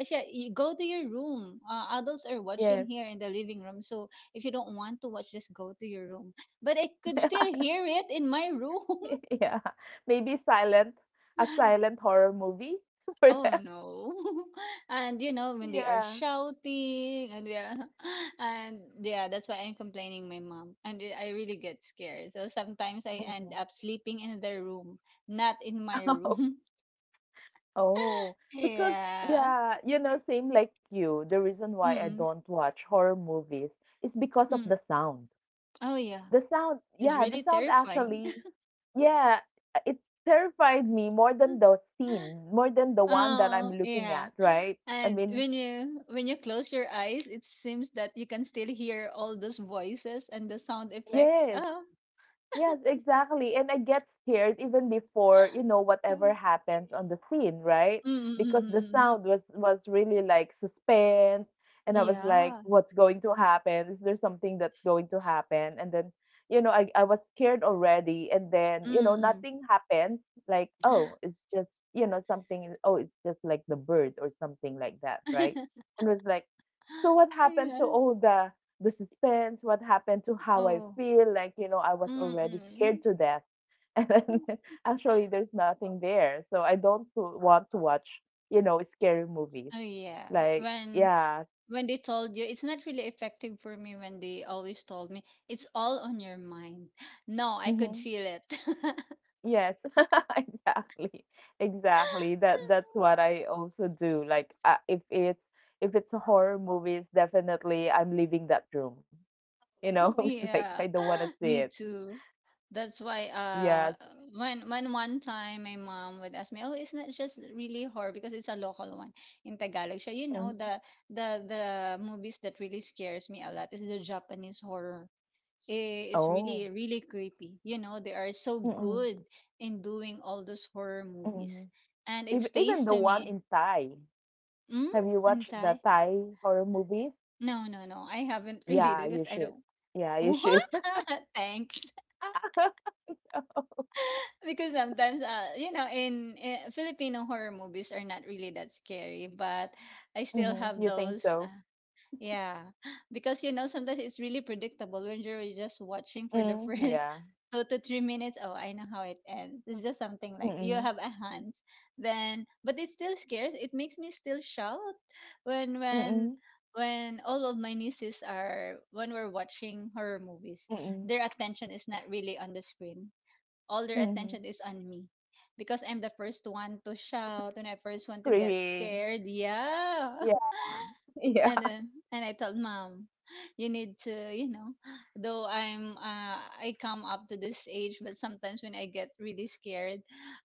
Speaker 2: Actually, you go to your room. Adults are watching
Speaker 1: Yes.
Speaker 2: here in the living room, so if you don't want to watch, just go to your room. But I could still hear it in my room.
Speaker 1: Yeah. Maybe silent a silent horror movie for
Speaker 2: Oh
Speaker 1: them.
Speaker 2: no. And you know, when they are
Speaker 1: Yeah.
Speaker 2: shouting and yeah and yeah, that's why I'm complaining my mom. And I really get scared. So sometimes I end
Speaker 1: Mhm.
Speaker 2: up sleeping in their room, not in my
Speaker 1: Oh,
Speaker 2: room.
Speaker 1: oh, because
Speaker 2: Yeah.
Speaker 1: yeah, you know, same like you, the reason why I
Speaker 2: Mm-mm.
Speaker 1: don't watch horror movies is because of the
Speaker 2: Mm.
Speaker 1: sound.
Speaker 2: Oh yeah. It's
Speaker 1: The
Speaker 2: really
Speaker 1: sound
Speaker 2: terrifying.
Speaker 1: actually, yeah, it terrified me more than the scene, more than the one that I'm
Speaker 2: Oh,
Speaker 1: looking
Speaker 2: yeah.
Speaker 1: at, right? I
Speaker 2: And
Speaker 1: mean,
Speaker 2: when you close your eyes, it seems that you can still hear all those voices and the sound effect.
Speaker 1: yes,
Speaker 2: Oh.
Speaker 1: yes, exactly. And I get scared even before, you know, whatever happens on the scene, right? Because the
Speaker 2: Mm-mm-mm-mm.
Speaker 1: sound was really like suspense and I was like,
Speaker 2: Yeah,
Speaker 1: what's going to happen? Is there something that's going to happen? And then, you know, I was scared already and then, you know,
Speaker 2: mm.
Speaker 1: nothing happens. Like, oh, it's just, you know, something oh, it's just like the bird or something like that, right? And was like, so what happened to
Speaker 2: Ayan,
Speaker 1: Olga? The suspense, what happened to how I
Speaker 2: oh,
Speaker 1: feel. Like, you know, I was already scared
Speaker 2: mm.
Speaker 1: to death. And then actually, there's nothing there. So I don't want to watch, you know, scary movies.
Speaker 2: Oh, yeah.
Speaker 1: Like,
Speaker 2: When
Speaker 1: yeah.
Speaker 2: when they told you, it's not really effective for me when they always told me, "It's all on your mind." No, I could
Speaker 1: Hmm.
Speaker 2: feel it.
Speaker 1: Yes, exactly. Exactly. That that's what I also do. Like, if it's a horror movies, definitely I'm leaving that room. You know, it's like
Speaker 2: Yeah,
Speaker 1: I don't want to see
Speaker 2: me
Speaker 1: it.
Speaker 2: too. That's why
Speaker 1: Yes.
Speaker 2: when one time my mom would ask me, "Oh, isn't it just really horror because it's a local one in Tagalog." So you know
Speaker 1: Mhm.
Speaker 2: the the movies that really scares me a lot is the Japanese horror. I- It's really
Speaker 1: Oh.
Speaker 2: really creepy. They are so good in doing all those horror movies.
Speaker 1: Mm-mm.
Speaker 2: And
Speaker 1: Ev
Speaker 2: it
Speaker 1: even
Speaker 2: stays
Speaker 1: the
Speaker 2: to
Speaker 1: one
Speaker 2: me.
Speaker 1: in Thai.
Speaker 2: Mm?
Speaker 1: Have you watched the
Speaker 2: Antai?
Speaker 1: Thai horror movies?
Speaker 2: No, no, no. I haven't really
Speaker 1: Yeah, you
Speaker 2: because I
Speaker 1: should.
Speaker 2: don't.
Speaker 1: Yeah, you should.
Speaker 2: What? Thanks. Because sometimes in Filipino horror movies are not really that scary, but I still
Speaker 1: Mhm,
Speaker 2: have
Speaker 1: you think
Speaker 2: those
Speaker 1: so?
Speaker 2: yeah. Because sometimes it's really predictable when you're just watching for the
Speaker 1: Mm,
Speaker 2: first
Speaker 1: yeah.
Speaker 2: 2 to 3 minutes. Oh, I know how it ends. It's just something like you
Speaker 1: Mm-mm.
Speaker 2: have a hands then, but it still scares, it makes me still shout when when
Speaker 1: Mm-mm.
Speaker 2: when all of my nieces are, when we're watching horror movies,
Speaker 1: Mm-mm.
Speaker 2: their attention is not really on the screen. All their attention
Speaker 1: Mhm.
Speaker 2: is on me because I'm the first one to shout and I first one to get
Speaker 1: Screaming.
Speaker 2: scared. Yeah.
Speaker 1: Yeah.
Speaker 2: And
Speaker 1: Yeah.
Speaker 2: then and I told mom, you need to, though I'm I come up to this age, but sometimes when I get really scared,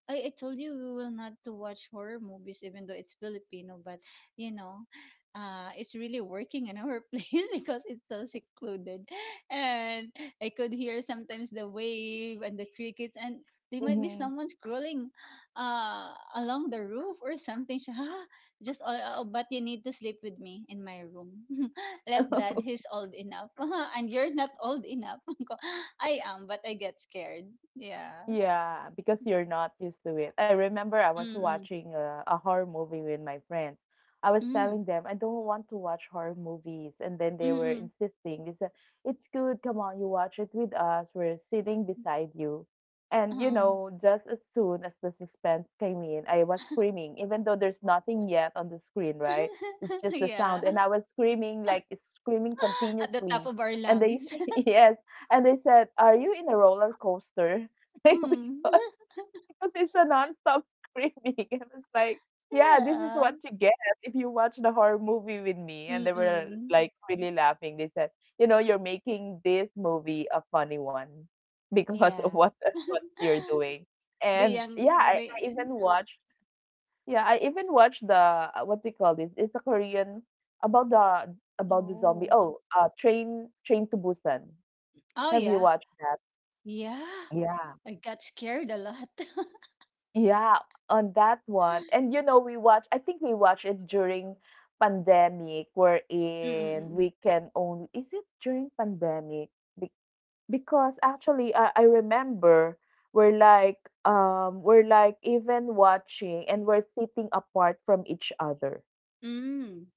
Speaker 2: I told you we will not to watch horror movies even though it's Filipino, but you know, it's really working in our place because it's so secluded. And I could hear sometimes the wave and the crickets, and there might be
Speaker 1: Mhm.
Speaker 2: someone scrolling uh along the roof or something. Just all, oh, but you need to sleep with me in my room. Let dad, he's old enough. And you're not old enough. Ko, I am, but I get scared. Yeah.
Speaker 1: Yeah, because you're not used to it. I remember I was
Speaker 2: Mm-mm.
Speaker 1: watching a horror movie with my friends. I was
Speaker 2: Mm.
Speaker 1: telling them I don't want to watch horror movies, and then they were
Speaker 2: Mm-mm.
Speaker 1: insisting. They said, "It's good. Come on, you watch it with us. We're sitting beside you." And you
Speaker 2: Oh.
Speaker 1: know, just as soon as the suspense came in, I was screaming, even though there's nothing yet on the screen, right? It's just the
Speaker 2: Yeah.
Speaker 1: sound, and I was screaming like screaming
Speaker 2: At the top
Speaker 1: continuously.
Speaker 2: of our
Speaker 1: And they,
Speaker 2: lungs.
Speaker 1: yes, and they said, "Are you in a roller coaster?" Like,
Speaker 2: Mm.
Speaker 1: because it's a non-stop screaming and it's like yeah, this is
Speaker 2: Yeah.
Speaker 1: what you get if you watch the horror movie with me. And they were
Speaker 2: Mm-mm.
Speaker 1: like really laughing. They said, you know, you're making this movie a funny one because
Speaker 2: Yeah.
Speaker 1: of what what you're doing.
Speaker 2: The
Speaker 1: And
Speaker 2: young,
Speaker 1: yeah, i,
Speaker 2: the,
Speaker 1: I even watched yeah, I even watched the what do you call this, it's a Korean about the zombie,
Speaker 2: oh.
Speaker 1: oh, uh, train to Busan.
Speaker 2: Oh,
Speaker 1: Have you
Speaker 2: yeah.
Speaker 1: watched that?
Speaker 2: Yeah.
Speaker 1: Yeah.
Speaker 2: I got scared a lot.
Speaker 1: Yeah, on that one. And you know, we watch I think we watched it during pandemic wherein
Speaker 2: Mm-mm-mm.
Speaker 1: we can only is it during pandemic? Be- because actually I remember we're like we're like even watching and we're sitting apart from each other.
Speaker 2: Mm.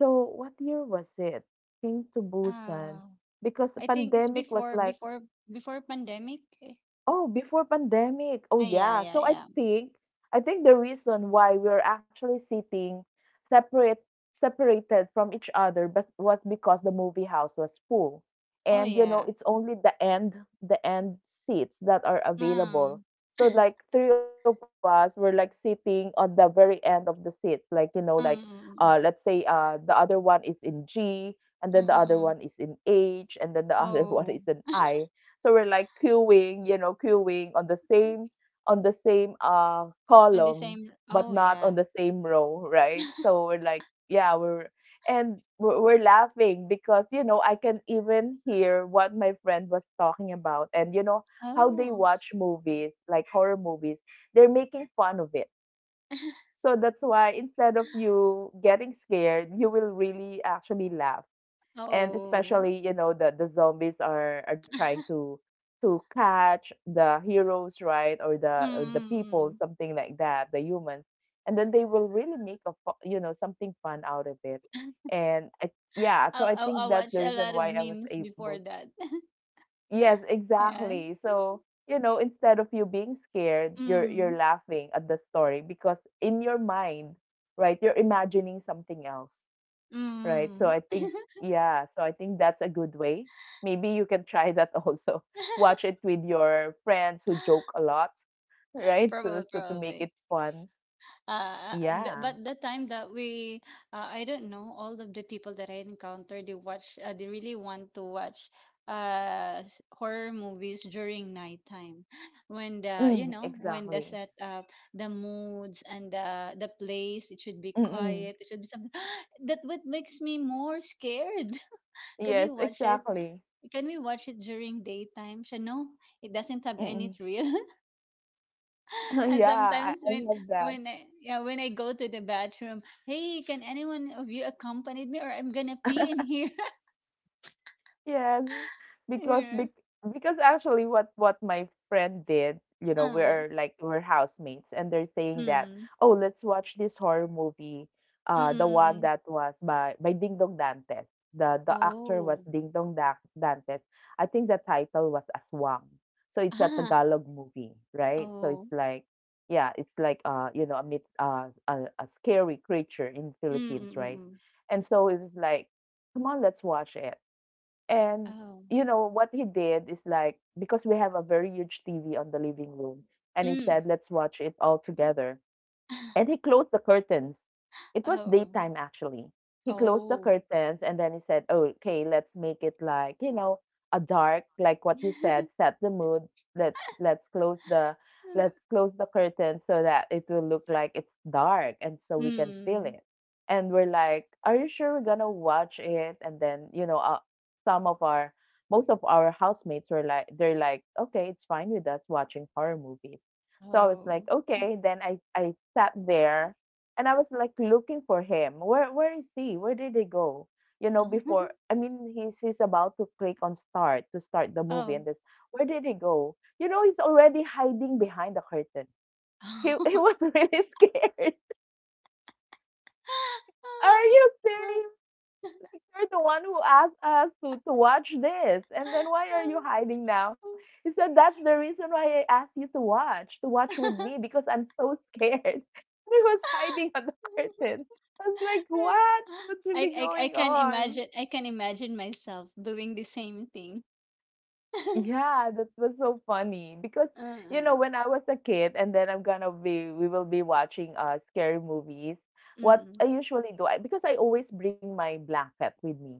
Speaker 1: So what year was it? Train to Busan.
Speaker 2: Ah,
Speaker 1: Because the
Speaker 2: I think it's
Speaker 1: pandemic was
Speaker 2: before
Speaker 1: like
Speaker 2: before before pandemic. Eh.
Speaker 1: oh, before pandemic. Oh,
Speaker 2: Ah, yeah,
Speaker 1: yeah.
Speaker 2: yeah,
Speaker 1: So
Speaker 2: yeah.
Speaker 1: I think the reason why we we're actually sitting separate separated from each other but was because the movie house was full.
Speaker 2: Oh
Speaker 1: And you know,
Speaker 2: yeah.
Speaker 1: it's only the end seats that are
Speaker 2: Ah,
Speaker 1: available. So like three of us were like sitting on the very end of the seats. Like, you know, like
Speaker 2: um,
Speaker 1: let's say the other one is in G, and then the other
Speaker 2: mm-mm.
Speaker 1: one is in H, and then the other one
Speaker 2: Oh,
Speaker 1: is in I. So we're like queuing, you know, queuing on the same
Speaker 2: on the
Speaker 1: column,
Speaker 2: same.
Speaker 1: but
Speaker 2: Oh
Speaker 1: not on
Speaker 2: yeah.
Speaker 1: the same row, right? So we're like yeah, we're and we're laughing because you know I can even hear what my friend was talking about, and you know how they
Speaker 2: Oh,
Speaker 1: watch movies like horror movies, they're making fun of it. So that's why instead of you getting scared you will really actually laugh, and
Speaker 2: oh.
Speaker 1: especially you know the zombies are trying to catch the heroes, right? Or the or the people,
Speaker 2: Mm-mm.
Speaker 1: something like that, the humans, and then they will really make a you know something fun out of it. And yeah, so
Speaker 2: I,
Speaker 1: I
Speaker 2: I
Speaker 1: think
Speaker 2: I
Speaker 1: that's
Speaker 2: watch
Speaker 1: the
Speaker 2: a
Speaker 1: reason
Speaker 2: lot of
Speaker 1: why I was
Speaker 2: memes
Speaker 1: able
Speaker 2: before that.
Speaker 1: yes
Speaker 2: Yeah.
Speaker 1: exactly. So you know instead of you being scared
Speaker 2: Mm.
Speaker 1: you're laughing at the story because in your mind, right, you're imagining something else. Right, so
Speaker 2: Mm.
Speaker 1: I think yeah, so I think that's a good way. Maybe you can try that also. Watch it with your friends who joke a lot, right? So
Speaker 2: Probably,
Speaker 1: so to make
Speaker 2: probably.
Speaker 1: it fun.
Speaker 2: Uh, but,
Speaker 1: Yeah.
Speaker 2: but the time that I don't know, all of the people that I encountered, they watch, they really want to watch horror movies during nighttime, when the
Speaker 1: Mm,
Speaker 2: when the
Speaker 1: exactly.
Speaker 2: set up, the moods and the place, it should be
Speaker 1: Mm-mm.
Speaker 2: quiet, it should be something that what makes me more scared. Can we
Speaker 1: Yes,
Speaker 2: watch it,
Speaker 1: exactly.
Speaker 2: during daytime so no, it doesn't have
Speaker 1: Mm-mm.
Speaker 2: any thrill?
Speaker 1: Yeah,
Speaker 2: And
Speaker 1: I
Speaker 2: sometimes when
Speaker 1: love that.
Speaker 2: I, yeah, when I go to the bathroom, hey, can anyone of you accompany me or I'm gonna pee in here?
Speaker 1: Yes, because
Speaker 2: Yeah.
Speaker 1: because actually what my friend did, you know,
Speaker 2: Um,
Speaker 1: we're like we're housemates and they're saying that,
Speaker 2: mm,
Speaker 1: "Oh, let's watch this horror movie,
Speaker 2: mm,
Speaker 1: the
Speaker 2: mm, mm.
Speaker 1: one
Speaker 2: Mm.
Speaker 1: that was by Ding Dong Dantes." The actor was
Speaker 2: Oh,
Speaker 1: Ding Dong Dantes. I think the title was Aswang. So it's a
Speaker 2: ah,
Speaker 1: Tagalog movie, right? So
Speaker 2: oh,
Speaker 1: it's like yeah, it's like you know, a myth, a scary creature in
Speaker 2: mm,
Speaker 1: Philippines,
Speaker 2: mm, mm,
Speaker 1: right?
Speaker 2: mm.
Speaker 1: And so it was like, "Come on, let's watch it." And,
Speaker 2: Oh,
Speaker 1: you know, what he did is like because we have a very huge TV on the living room, and he
Speaker 2: mm,
Speaker 1: said, "Let's watch it all together." And he closed the curtains. It was
Speaker 2: oh,
Speaker 1: daytime actually. He closed the
Speaker 2: oh,
Speaker 1: curtains and then he said, "Oh, okay, let's make it like, you know, a dark, like what you said, set the mood. Let's let's close the let's close the curtains so that it will look like it's dark and so we can feel
Speaker 2: mm,
Speaker 1: it." And we're like, "Are you sure we're gonna watch it?" And then, you know, some of our most of our housemates were like they're like, "Okay, it's fine with us watching horror movies." So I was
Speaker 2: oh,
Speaker 1: like, okay. Then I sat there and I was like looking for him. Where is he? Where did he go? You know, before I mean he's about to click on start to start the movie
Speaker 2: oh,
Speaker 1: and this where did he go? You know, he's already hiding behind the curtain. He was really scared. Are you serious? You're the one who asked us to watch this. And then why are you hiding now? He said, that's the reason why I asked you to watch with me because I'm so scared. And he was hiding on the
Speaker 2: oh.
Speaker 1: curtain. I was like, what? What's really
Speaker 2: I, I
Speaker 1: going
Speaker 2: I can
Speaker 1: on?
Speaker 2: imagine, I can imagine myself doing the same thing.
Speaker 1: Yeah, that was so funny because,
Speaker 2: Uh,
Speaker 1: when I was a kid and then we will be watching scary movies. What I
Speaker 2: mm,
Speaker 1: usually do, because I always bring my blanket with me.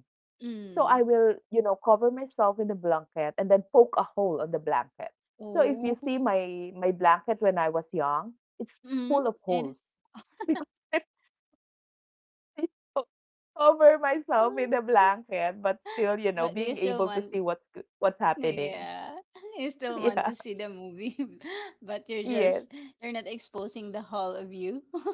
Speaker 1: So I
Speaker 2: mm.
Speaker 1: will, you know, cover myself in the blanket and then poke a hole on the blanket. So if you
Speaker 2: Oh,
Speaker 1: see my blanket when I was young, it's
Speaker 2: mm,
Speaker 1: full of
Speaker 2: and
Speaker 1: holes because I still cover myself in the
Speaker 2: uh,
Speaker 1: blanket, but still, you know,
Speaker 2: but do you
Speaker 1: being
Speaker 2: still
Speaker 1: able to
Speaker 2: want?
Speaker 1: see what's happening.
Speaker 2: Yeah, you still want
Speaker 1: Yeah.
Speaker 2: to see the movie, but you're just
Speaker 1: Yes.
Speaker 2: you're not exposing the whole of you.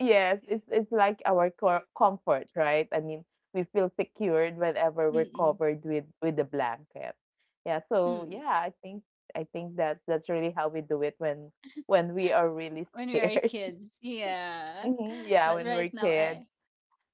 Speaker 1: Yes, it's like our cor comfort, right? I mean, we feel secured whenever we're
Speaker 2: Mm-mm.
Speaker 1: covered with the blanket. Yeah, so
Speaker 2: Mm.
Speaker 1: yeah, I think that's really how we do it when we are really
Speaker 2: When we were
Speaker 1: scared.
Speaker 2: kids, yeah.
Speaker 1: hmm Yeah,
Speaker 2: But
Speaker 1: when
Speaker 2: right
Speaker 1: we're
Speaker 2: now,
Speaker 1: kids.
Speaker 2: I,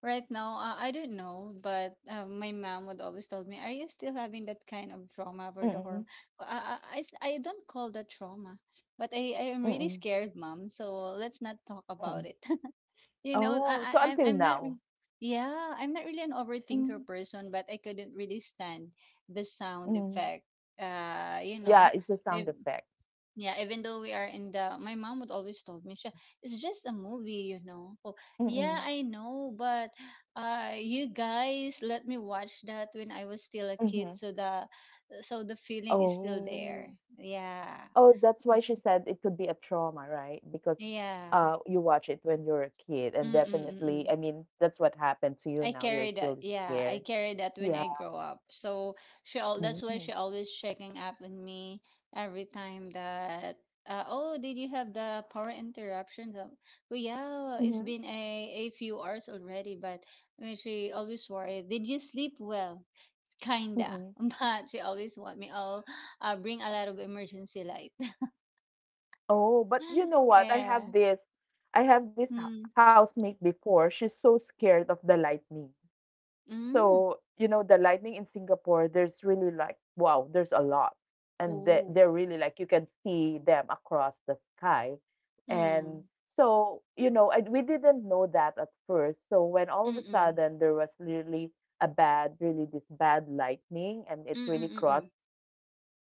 Speaker 2: right now, I don't know, but my mom would always tell me, "Are you still having that kind of trauma for the hormone?"
Speaker 1: Mm-mm,
Speaker 2: I don't call that trauma, but I am really
Speaker 1: mm-mm,
Speaker 2: scared, mom. So let's not talk about
Speaker 1: mm-mm.
Speaker 2: it. You know, I,
Speaker 1: Oh,
Speaker 2: I,
Speaker 1: so
Speaker 2: I'm
Speaker 1: until
Speaker 2: I'm not, re-
Speaker 1: now.
Speaker 2: yeah, I'm not really an overthinker person, but I couldn't really stand the sound
Speaker 1: Mm-hmm.
Speaker 2: effect. You know,
Speaker 1: Yeah, it's the
Speaker 2: if
Speaker 1: sound effect.
Speaker 2: yeah, even though we are in the, my mom would always told me, "Siya, it's just a movie, you know. Oh, yeah,
Speaker 1: Mm-mm,
Speaker 2: I know, but you guys let me watch that when I was still a kid,
Speaker 1: mm-hmm.
Speaker 2: so the feeling is still
Speaker 1: Oh.
Speaker 2: there. Yeah.
Speaker 1: Oh, that's why
Speaker 2: Mm,
Speaker 1: she said it could be a trauma, right? Because
Speaker 2: yeah.
Speaker 1: you watch it when you're a kid, and definitely,
Speaker 2: Mm-mm-mm.
Speaker 1: I mean, that's what happened to you
Speaker 2: I
Speaker 1: now. You're
Speaker 2: carry that.
Speaker 1: still
Speaker 2: Yeah, I
Speaker 1: scared.
Speaker 2: carry that when
Speaker 1: Yeah.
Speaker 2: I grow up. So she, all that's why
Speaker 1: Mm-hmm.
Speaker 2: she always checking up on me every time that oh, did you have the power interruptions? Well, yeah, it's been a few hours already, but I mean, she always worried. Did you sleep well? Kinda.
Speaker 1: Mm-hmm.
Speaker 2: But she always want me. Oh, bring a lot of emergency light.
Speaker 1: Oh, but you know what?
Speaker 2: Yeah.
Speaker 1: I have this
Speaker 2: Mm.
Speaker 1: housemate before. She's so scared of the lightning.
Speaker 2: Mm.
Speaker 1: So you know the lightning in Singapore, there's really like, wow, there's a lot, and they,
Speaker 2: Oh.
Speaker 1: they're really like, you can see them across the sky. And
Speaker 2: Mm.
Speaker 1: so you know, we didn't know that at first. So when all of
Speaker 2: Mm.
Speaker 1: a
Speaker 2: Mm.
Speaker 1: sudden there was really a bad, really this bad lightning, and it
Speaker 2: Mm.
Speaker 1: really
Speaker 2: Mm. Mm.
Speaker 1: crossed, like you felt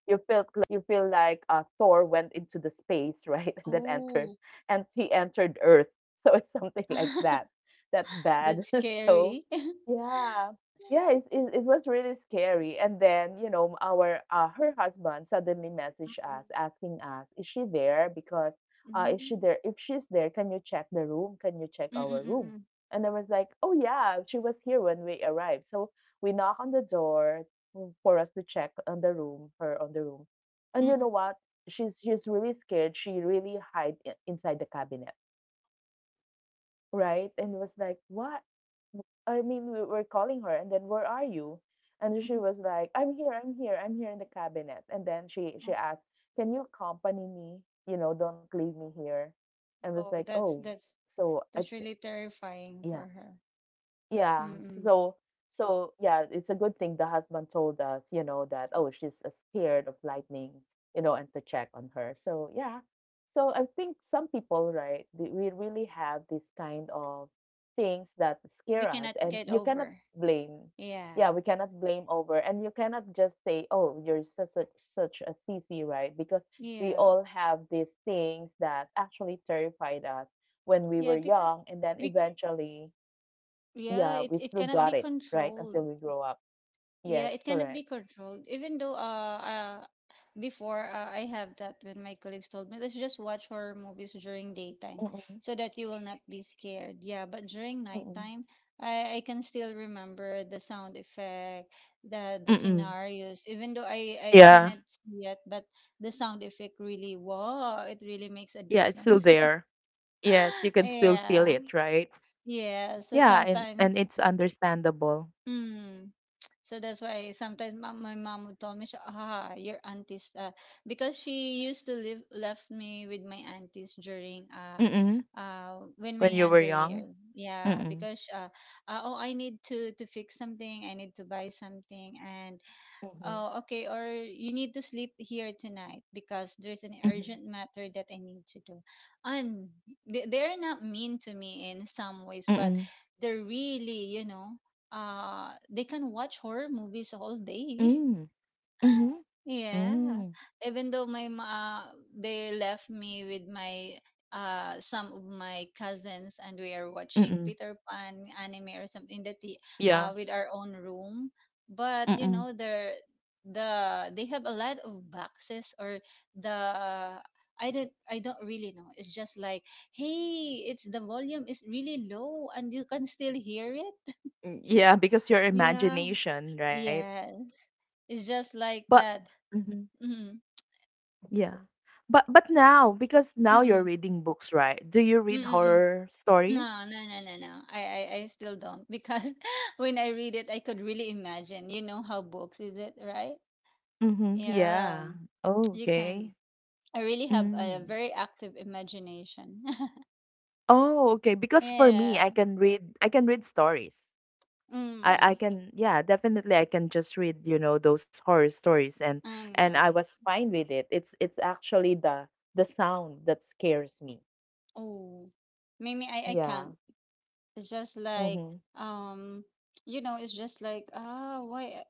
Speaker 1: you feel like Thor went into the space, right,
Speaker 2: Oh.
Speaker 1: and he entered Earth. So it's something like that. That bad.
Speaker 2: That's
Speaker 1: So
Speaker 2: scary.
Speaker 1: yeah, yeah, it was really scary. And then you know, our her husband suddenly messaged us asking us, "Is she there? Because is she
Speaker 2: Mm-mm.
Speaker 1: there? If she's there, can you check the room? Can you check our room?"
Speaker 2: Mm-mm-mm.
Speaker 1: And I was like, "Oh yeah, she was here when we arrived." So we knock on the door for us to check on the room, her on the room. And
Speaker 2: Mm-mm-mm.
Speaker 1: you know what? She's really scared. She really hide inside the cabinet, right? And was like, "What? I mean, we were calling her, and then where are you?" And she was like, "I'm here. I'm here. I'm here in the cabinet." And then she asked, "Can you accompany me? You know, don't leave me here." And
Speaker 2: Oh,
Speaker 1: was like, "Oh, so
Speaker 2: that's
Speaker 1: I
Speaker 2: really
Speaker 1: think."
Speaker 2: terrifying for
Speaker 1: Yeah,
Speaker 2: her.
Speaker 1: yeah,
Speaker 2: Mm-mm.
Speaker 1: so so yeah, it's a good thing the husband told us, you know, that oh, she's scared of lightning, you know, and to check on her. So yeah, so I think some people, right, we really have this kind of things that
Speaker 2: We
Speaker 1: scare us,
Speaker 2: cannot
Speaker 1: and
Speaker 2: get
Speaker 1: you cannot
Speaker 2: over.
Speaker 1: blame.
Speaker 2: Yeah.
Speaker 1: Yeah, we cannot blame over, and you cannot just say, oh, you're such a, such a sissy, right? Because we
Speaker 2: Yeah.
Speaker 1: all have these things that actually terrified us when we were
Speaker 2: Yeah, because
Speaker 1: young, and then
Speaker 2: we,
Speaker 1: eventually,
Speaker 2: yeah,
Speaker 1: yeah,
Speaker 2: it,
Speaker 1: we
Speaker 2: it
Speaker 1: still
Speaker 2: cannot
Speaker 1: got
Speaker 2: be
Speaker 1: it, right? Until
Speaker 2: controlled.
Speaker 1: we grow up. Yes,
Speaker 2: Yeah, it cannot
Speaker 1: correct.
Speaker 2: be controlled. Even though uh before, I have that when my colleagues told me, let's just watch horror movies during daytime
Speaker 1: Mm-mm,
Speaker 2: so that you will not be scared. Yeah, but during
Speaker 1: mm-mm.
Speaker 2: nighttime, I can still remember the sound effect, the
Speaker 1: Mm-mm.
Speaker 2: scenarios. Even though I
Speaker 1: Yeah.
Speaker 2: cannot see it, but the sound effect, really wow, it really makes a
Speaker 1: Yeah, it's still
Speaker 2: difference.
Speaker 1: there. Yes, you can still feel
Speaker 2: Yeah,
Speaker 1: it, right?
Speaker 2: yeah. So
Speaker 1: Yeah, and
Speaker 2: sometimes,
Speaker 1: it's understandable.
Speaker 2: mm. So that's why sometimes my, my mom would tell me, siya, ah, your aunties, because she used to live left me with my aunties during
Speaker 1: Mm-mm.
Speaker 2: when my
Speaker 1: When you were
Speaker 2: younger year.
Speaker 1: young.
Speaker 2: Yeah,
Speaker 1: Mm-mm.
Speaker 2: because oh, I need to fix something, I need to buy something, and
Speaker 1: Mm-hmm.
Speaker 2: oh, okay. Or you need to sleep here tonight because there's an
Speaker 1: Mm-hmm.
Speaker 2: urgent matter that I need to do. And they- they're not mean to me in some ways, but
Speaker 1: Mm-mm.
Speaker 2: they're really, you know, they can watch horror movies all day.
Speaker 1: Mm. Mm-hmm.
Speaker 2: Yeah.
Speaker 1: Mm.
Speaker 2: Even though my ma, they left me with my some of my cousins and we are watching
Speaker 1: Mm-mm.
Speaker 2: Peter Pan anime or something in the t,
Speaker 1: Yeah.
Speaker 2: with our own room. But you
Speaker 1: Mm-mm.
Speaker 2: know they're, the, they have a lot of boxes or the, I don't really know. It's just like, hey, it's the volume is really low and you can still hear it.
Speaker 1: Mm, yeah, because your
Speaker 2: Yeah.
Speaker 1: imagination, right?
Speaker 2: Yes. It's just like
Speaker 1: But
Speaker 2: that. Mm-mm.
Speaker 1: yeah. But now, because now you're reading books, right? Do you
Speaker 2: Mm,
Speaker 1: read
Speaker 2: mm, mm.
Speaker 1: horror stories?
Speaker 2: No, no, no, no, no. I still don't because when I read it, I could really imagine. You know how books is it, right?
Speaker 1: Mm-hmm.
Speaker 2: Yeah,
Speaker 1: Yeah. Oh,
Speaker 2: you can.
Speaker 1: okay.
Speaker 2: I really have a
Speaker 1: Mm.
Speaker 2: very active imagination.
Speaker 1: Oh, okay. Because for me,
Speaker 2: Yeah.
Speaker 1: I can read stories. I
Speaker 2: Mm.
Speaker 1: can, yeah, definitely I can just read, you know, those horror stories, and
Speaker 2: I know.
Speaker 1: I was fine with it. It's actually the sound that scares me.
Speaker 2: Oh, Mimi, I
Speaker 1: Yeah.
Speaker 2: can't. It's just like,
Speaker 1: Mm-hmm.
Speaker 2: um, you know, it's just like, ah, why,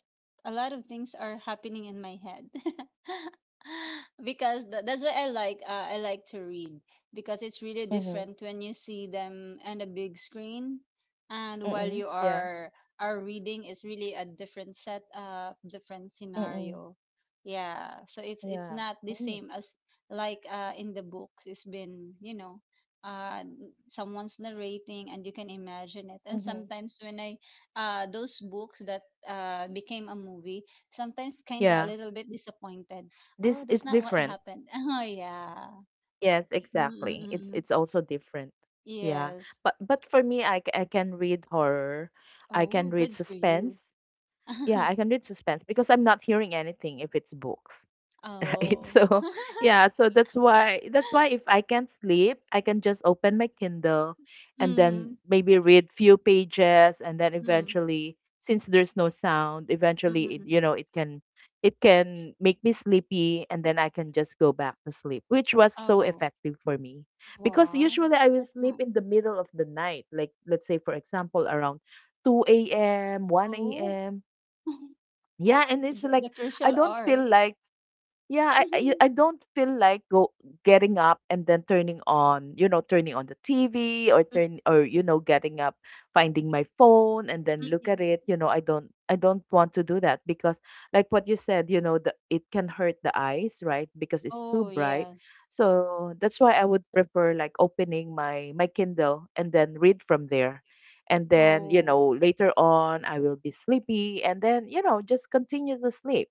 Speaker 2: a lot of things are happening in my head because that's why I like, I like to read because it's really
Speaker 1: Mm-hmm.
Speaker 2: different when you see them on a big screen and while
Speaker 1: Mm-mm.
Speaker 2: you
Speaker 1: Yeah.
Speaker 2: are reading, it's really a different set, different
Speaker 1: Mm-mm.
Speaker 2: scenario. Yeah, so it's
Speaker 1: Yeah.
Speaker 2: not the
Speaker 1: Mm.
Speaker 2: same as like, in the books it's been, you know, uh someone's narrating and you can imagine it, and
Speaker 1: Mm-hmm.
Speaker 2: sometimes when I, those books that became a movie, sometimes kind of a
Speaker 1: Yeah.
Speaker 2: little bit disappointed. Oh,
Speaker 1: This,
Speaker 2: that's
Speaker 1: it's
Speaker 2: not what
Speaker 1: different.
Speaker 2: happened. Oh yeah.
Speaker 1: Yes, exactly. It's
Speaker 2: Mm-mm-mm.
Speaker 1: also different. Yeah.
Speaker 2: Yes.
Speaker 1: But for me, I can read horror. I can
Speaker 2: Oh,
Speaker 1: read
Speaker 2: good for
Speaker 1: suspense.
Speaker 2: you.
Speaker 1: Yeah, I can read suspense because I'm not hearing anything if it's books, right.
Speaker 2: Oh.
Speaker 1: So yeah, so that's why if I can't sleep, I can just open my Kindle and then
Speaker 2: Mm.
Speaker 1: maybe read few pages, and then
Speaker 2: Mm.
Speaker 1: eventually, since there's no sound, eventually it, you
Speaker 2: Mm-mm-mm.
Speaker 1: know, it can make me sleepy, and then I can just go back to sleep, which was so
Speaker 2: Oh,
Speaker 1: effective for me because
Speaker 2: what?
Speaker 1: usually I will
Speaker 2: That's
Speaker 1: sleep
Speaker 2: not.
Speaker 1: in the middle of the night, like let's say for example around 2 a.m., 1
Speaker 2: Oh.
Speaker 1: a.m.
Speaker 2: the,
Speaker 1: Yeah, and it's like
Speaker 2: the
Speaker 1: I
Speaker 2: crucial
Speaker 1: don't
Speaker 2: r.
Speaker 1: feel like yeah, I I
Speaker 2: Mm,
Speaker 1: I don't feel like go getting up and then turning on, you know, turning on the TV, or
Speaker 2: mm,
Speaker 1: turn or you know, getting up, finding my phone, and
Speaker 2: mm,
Speaker 1: then look at
Speaker 2: mm.
Speaker 1: it. You know, I don't want to do that because like what you said, you know, the it can hurt the eyes, right? Because it's too
Speaker 2: Oh,
Speaker 1: bright.
Speaker 2: yes.
Speaker 1: So that's why I would prefer like opening my Kindle and then read from there. And then, you
Speaker 2: Oh,
Speaker 1: know, later on I will be sleepy, and then, you know, just continue to sleep.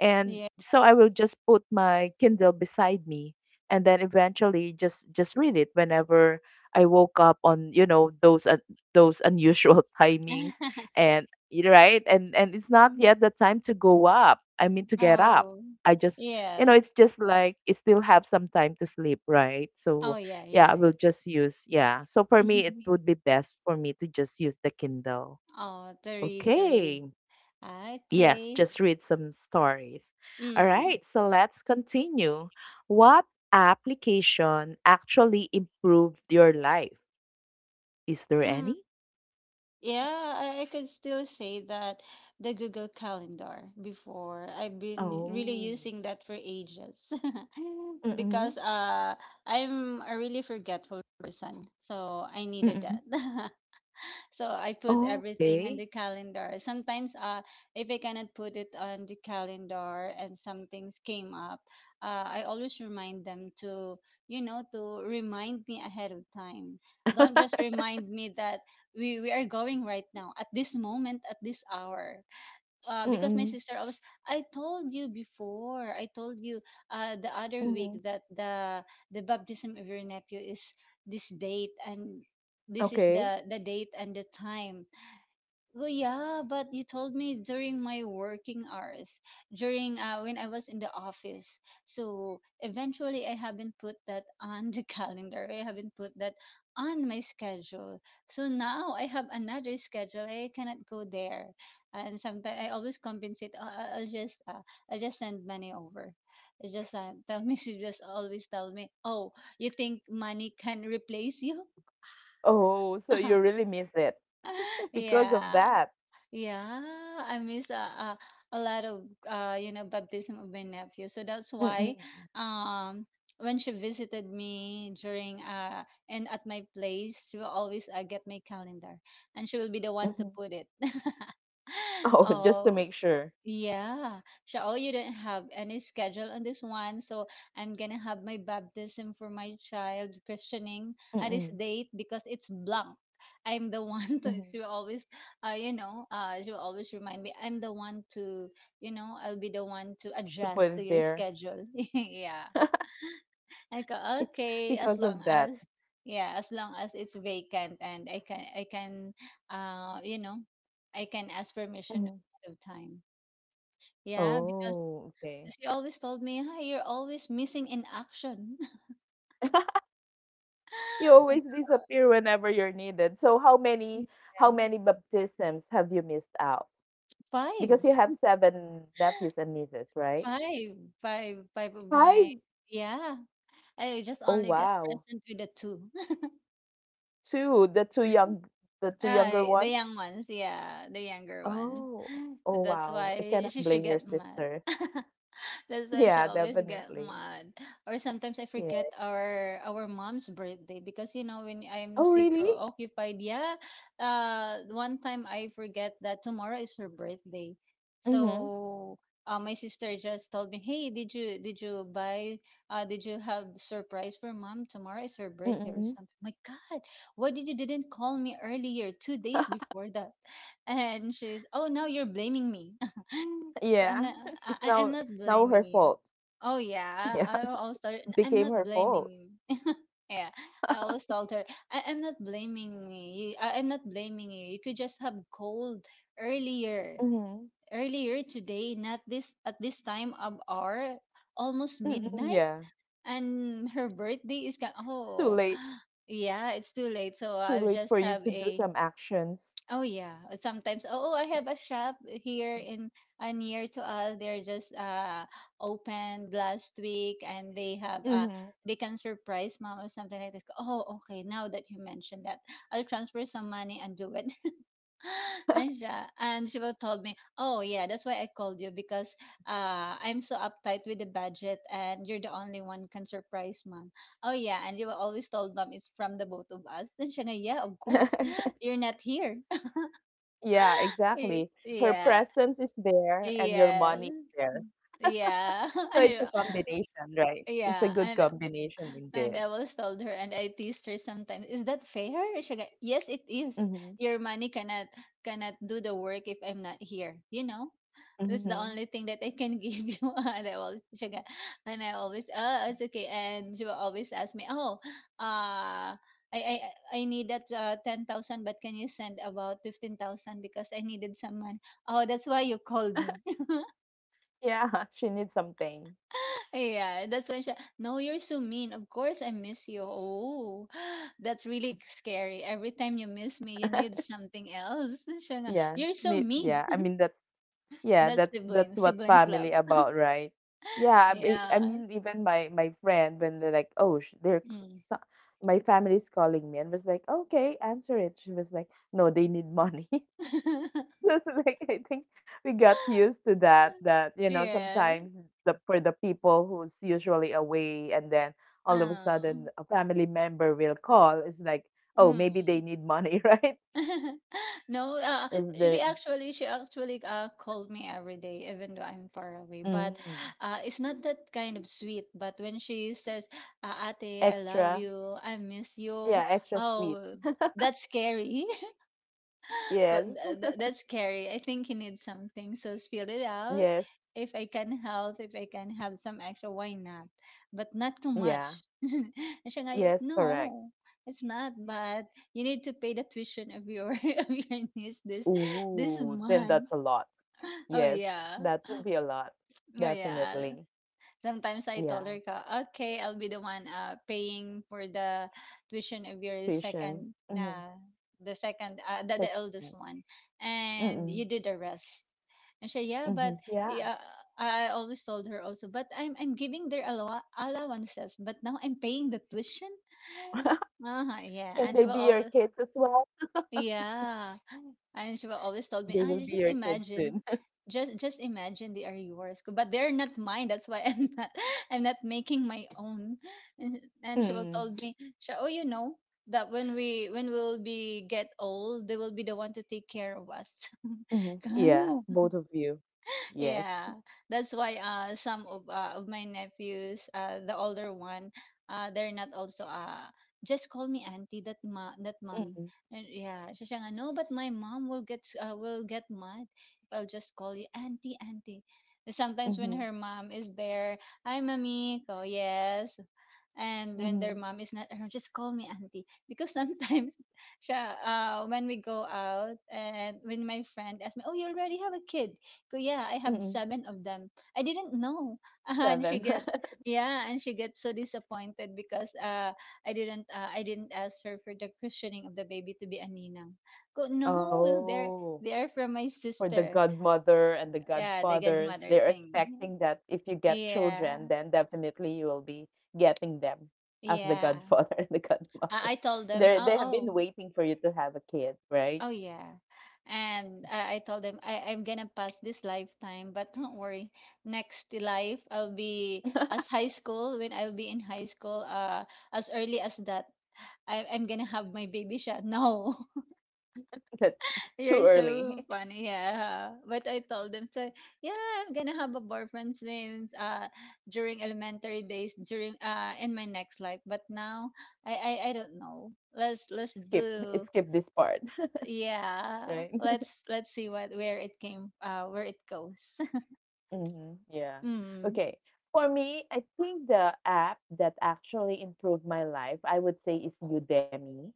Speaker 1: And
Speaker 2: yes.
Speaker 1: so I will just put my Kindle beside me, and then eventually just read it whenever I woke up on, you know, those unusual timings. And right, and it's not
Speaker 2: Mm.
Speaker 1: yet the time to go up, I mean to get up.
Speaker 2: Oh,
Speaker 1: I just, you know,
Speaker 2: yes.
Speaker 1: it's just like you still have some time to sleep, right?
Speaker 2: Oh,
Speaker 1: So
Speaker 2: yeah,
Speaker 1: yeah, I
Speaker 2: yeah, yeah.
Speaker 1: will just use, yeah, so for me it would be best for me to just use the Kindle,
Speaker 2: Oh, the read, the read.
Speaker 1: okay. Yes,
Speaker 2: Okay.
Speaker 1: just read some stories. All
Speaker 2: Mm.
Speaker 1: right, so let's continue. What application actually improved your life? Is there
Speaker 2: Mm.
Speaker 1: any?
Speaker 2: Yeah, I could still say that the Google Calendar before. I've been really
Speaker 1: Oh.
Speaker 2: using that for ages because
Speaker 1: Mm-mm.
Speaker 2: I'm a really forgetful person, so I needed that.
Speaker 1: Mm-mm.
Speaker 2: So I put everything in
Speaker 1: Okay.
Speaker 2: the calendar. Sometimes, if I cannot put it on the calendar and some things came up, I always remind them to, you know, to remind me ahead of time. Don't just remind me that we are going right now at this moment, at this hour, because my
Speaker 1: Mm-mm.
Speaker 2: sister always, I told you before, I told you the other week
Speaker 1: Mm-mm.
Speaker 2: that the baptism of your nephew is this date and this is
Speaker 1: Okay.
Speaker 2: the date and the time, well, yeah, but you told me during my working hours, during when I was in the office. So eventually, I haven't put that on the calendar. I haven't put that on my schedule. So now I have another schedule. I cannot go there, and sometimes I always compensate. "Oh, I'll just send money over. I just tell me." She just always tell me, "Oh, you think money can replace you?"
Speaker 1: Oh, so you really miss it because of
Speaker 2: Yeah.
Speaker 1: that.
Speaker 2: Yeah, I miss a lot of you know, baptism of my nephew. So that's why,
Speaker 1: Mm-mm.
Speaker 2: um, when she visited me during and at my place, she will always get my calendar and she will be the one to
Speaker 1: Mm-hmm.
Speaker 2: put it.
Speaker 1: Oh, just to
Speaker 2: Oh,
Speaker 1: make sure.
Speaker 2: yeah. So, oh, you didn't have any schedule on this one. So, I'm gonna have my baptism for my child christening at this
Speaker 1: Mm-mm.
Speaker 2: date because it's blank. I'm the one to
Speaker 1: Mm-hmm.
Speaker 2: always, you know, to always remind me. I'm the one to, I'll be the one to
Speaker 1: To put
Speaker 2: adjust to
Speaker 1: it
Speaker 2: your
Speaker 1: there
Speaker 2: schedule. Yeah. I go, okay, as
Speaker 1: because of
Speaker 2: long
Speaker 1: that.
Speaker 2: as, yeah, as long as it's vacant and uh, you know, I can ask permission
Speaker 1: Mm-hmm.
Speaker 2: ahead of time. Yeah, because
Speaker 1: Oh, okay.
Speaker 2: she always told me, "Hi, you're always missing in action."
Speaker 1: You
Speaker 2: Like,
Speaker 1: always disappear whenever you're needed. So how
Speaker 2: yeah.
Speaker 1: many baptisms have you missed out?
Speaker 2: Five,
Speaker 1: Because you have seven nephews and nieces, right?
Speaker 2: five, five, five of my
Speaker 1: Five.
Speaker 2: yeah. I just
Speaker 1: Oh
Speaker 2: only got
Speaker 1: wow.
Speaker 2: present with the two.
Speaker 1: Two, the two younger
Speaker 2: The
Speaker 1: ones.
Speaker 2: young ones, yeah, the younger ones.
Speaker 1: Oh. Oh
Speaker 2: That's
Speaker 1: wow. I
Speaker 2: why
Speaker 1: cannot
Speaker 2: she should
Speaker 1: blame your
Speaker 2: get
Speaker 1: sister.
Speaker 2: mad. That's why she
Speaker 1: Yeah,
Speaker 2: always get
Speaker 1: definitely.
Speaker 2: mad. Or sometimes I
Speaker 1: Yeah.
Speaker 2: forget our mom's birthday because when I'm
Speaker 1: Oh
Speaker 2: super
Speaker 1: really?
Speaker 2: occupied. Yeah, one time I forget that tomorrow is her birthday,
Speaker 1: Mhm.
Speaker 2: so my sister just told me, "Hey, did you buy? Did you have surprise for mom? Tomorrow is her birthday or
Speaker 1: Mhm.
Speaker 2: something." My God, why did you didn't call me earlier 2 days before that? And she's, "Oh, now you're blaming me." I'm
Speaker 1: Yeah.
Speaker 2: not.
Speaker 1: It's
Speaker 2: I'm
Speaker 1: now
Speaker 2: not blaming
Speaker 1: her
Speaker 2: you.
Speaker 1: fault.
Speaker 2: Oh yeah,
Speaker 1: Yeah.
Speaker 2: I always told.
Speaker 1: It
Speaker 2: I'm
Speaker 1: became
Speaker 2: not
Speaker 1: her
Speaker 2: blaming
Speaker 1: fault.
Speaker 2: you. Yeah, I always told her. I'm not blaming me. I'm not blaming you. You could just have called earlier,
Speaker 1: Mhm.
Speaker 2: earlier today, not this at this time of hour, almost
Speaker 1: Mm-mm,
Speaker 2: midnight,
Speaker 1: yeah.
Speaker 2: and her birthday is kind.
Speaker 1: It's too
Speaker 2: Oh,
Speaker 1: late.
Speaker 2: yeah, it's too late. So
Speaker 1: Too
Speaker 2: I'll
Speaker 1: late
Speaker 2: just
Speaker 1: for you
Speaker 2: have
Speaker 1: to do
Speaker 2: a
Speaker 1: some actions.
Speaker 2: oh yeah. Sometimes. Oh, I have a shop here in near to us. They're just opened last week, and they have
Speaker 1: Hmm.
Speaker 2: they can surprise mom or something like that. Oh, okay. Now that you mentioned that, I'll transfer some money and do it. and she, and she will told me, oh yeah, that's why I called you because I'm so uptight with the budget, and you're the only one can surprise mom. Oh yeah, and you will always told mom it's from the both of us. And she, nga, yeah, of course you're not here.
Speaker 1: Yeah, exactly. Her
Speaker 2: Yeah.
Speaker 1: presence is there and your
Speaker 2: Yes.
Speaker 1: money is there.
Speaker 2: Yeah.
Speaker 1: So
Speaker 2: and,
Speaker 1: it's a
Speaker 2: uh,
Speaker 1: combination, right? It's a
Speaker 2: yeah.
Speaker 1: good
Speaker 2: And
Speaker 1: combination indeed.
Speaker 2: I was told her and I teased her sometimes is that fair she go, yes it is
Speaker 1: Hmm.
Speaker 2: your money cannot cannot do the work if I'm not here that's the
Speaker 1: Hmm.
Speaker 2: only thing that I can give you. and i always she go, and I always oh it's okay and she will always ask me oh uh I need that 10,000, but can you send about 15,000 because I needed some money. Oh, that's why you called me.
Speaker 1: Yeah, she needs something.
Speaker 2: Yeah, that's when she, no, you're so mean. Of course I miss you. Oh, that's really scary. Every time you miss me, you need something else. Siya nga,
Speaker 1: Yes.
Speaker 2: you're so
Speaker 1: Need,
Speaker 2: mean.
Speaker 1: yeah. I mean, that's, yeah,
Speaker 2: That's
Speaker 1: that's
Speaker 2: siblings,
Speaker 1: what
Speaker 2: siblings love.
Speaker 1: family about, right? Yeah, I mean,
Speaker 2: Yeah.
Speaker 1: even my friend, when they're like, oh, they're
Speaker 2: Mm.
Speaker 1: so- my family's calling me, and was like, okay, answer it. She was like, no, they need money. Just like, I think we got used to that. That, you know,
Speaker 2: Yeah.
Speaker 1: sometimes the for the people who's usually away, and then all of a sudden
Speaker 2: Oh.
Speaker 1: a family member will call, it's like, oh, maybe they
Speaker 2: Mm.
Speaker 1: need money, right?
Speaker 2: No,
Speaker 1: Is
Speaker 2: we
Speaker 1: there
Speaker 2: actually, she actually called me every day, even though I'm far away. But
Speaker 1: mm,
Speaker 2: it's not that kind of sweet. But when she says, Ate, I love
Speaker 1: extra?
Speaker 2: you, I miss you,
Speaker 1: Yeah, extra sweet.
Speaker 2: oh, that's scary.
Speaker 1: Yes,
Speaker 2: That's scary. I think you need something. So spill it out.
Speaker 1: yes,
Speaker 2: If I can help, if I can have some extra, why not? But not too much.
Speaker 1: yeah,
Speaker 2: And siya nga,
Speaker 1: yes, correct.
Speaker 2: no, it's not. But you need to pay the tuition of your of your niece this
Speaker 1: Ooh, then
Speaker 2: month.
Speaker 1: that's a lot.
Speaker 2: Oh
Speaker 1: Yes,
Speaker 2: yeah,
Speaker 1: that would be a lot,
Speaker 2: oh yeah.
Speaker 1: definitely.
Speaker 2: Sometimes I told her,
Speaker 1: Yeah,
Speaker 2: ka, okay, I'll be the one paying for the tuition of your second,
Speaker 1: tuition.
Speaker 2: the second, the eldest one and you
Speaker 1: Mm-hmm.
Speaker 2: do the rest. And she, yeah, but
Speaker 1: Mhm, yeah.
Speaker 2: yeah, I always told her also, but I'm giving their allowances, but now I'm paying the tuition. Uh-huh, yeah, and
Speaker 1: Can
Speaker 2: she will
Speaker 1: they be
Speaker 2: always,
Speaker 1: your kids as well?
Speaker 2: yeah, and she will always told me, I
Speaker 1: They will
Speaker 2: just
Speaker 1: be your kids
Speaker 2: imagine,
Speaker 1: soon.
Speaker 2: just imagine they are yours, but they're not mine. That's why I'm not I'm not making my own. And she will told
Speaker 1: Mm,
Speaker 2: me, she, oh, that when we'll be get old, they will be the one to take care of us.
Speaker 1: mhm, yeah, both of you. Yes.
Speaker 2: Yeah, that's why some of my nephews the older one they're not also just call me auntie that mommy.
Speaker 1: Mm,
Speaker 2: And yeah, siya nga no, but my mom will get mad if I'll just call you auntie auntie sometimes when her
Speaker 1: mhm,
Speaker 2: mom is there. Hi mommy ko yes. And when their mom
Speaker 1: mhm,
Speaker 2: is not around, just call me auntie. Because sometimes, siya, when we go out and when my friend asked me, "Oh, you already have a kid?" Go, yeah, I have seven
Speaker 1: mhm.
Speaker 2: of them. I didn't know, and she
Speaker 1: 7.
Speaker 2: get yeah, and she gets so disappointed because I didn't ask her for the christening of the baby to be a ninang. Go, no, well,
Speaker 1: Oh,
Speaker 2: they're from my
Speaker 1: for the
Speaker 2: sister.
Speaker 1: godmother and the
Speaker 2: Yeah, the
Speaker 1: godfathers,
Speaker 2: godmother
Speaker 1: they're
Speaker 2: thing.
Speaker 1: expecting that if you get
Speaker 2: Yeah,
Speaker 1: children, then definitely you will be getting them as the
Speaker 2: yeah.
Speaker 1: godfather and the
Speaker 2: I
Speaker 1: godmother.
Speaker 2: told them,
Speaker 1: They
Speaker 2: oh,
Speaker 1: they have
Speaker 2: oh.
Speaker 1: been waiting for you to have a kid,
Speaker 2: Oh
Speaker 1: right?
Speaker 2: yeah. And I told them I'm gonna pass this lifetime, but don't worry. Next life I'll be in high school, as early as that. I'm gonna have my baby shot. No.
Speaker 1: That's
Speaker 2: You're
Speaker 1: too
Speaker 2: so
Speaker 1: early.
Speaker 2: funny, yeah. But I told them so yeah, I'm gonna have a boyfriend since during elementary days, during in my next life. But now I don't know. Let's
Speaker 1: Skip,
Speaker 2: do
Speaker 1: this part,
Speaker 2: yeah.
Speaker 1: right?
Speaker 2: Let's see what where it came where it goes.
Speaker 1: Hmm. Yeah.
Speaker 2: Mm.
Speaker 1: Okay. For me, I think the app that actually improved my life, I would say, is Udemy.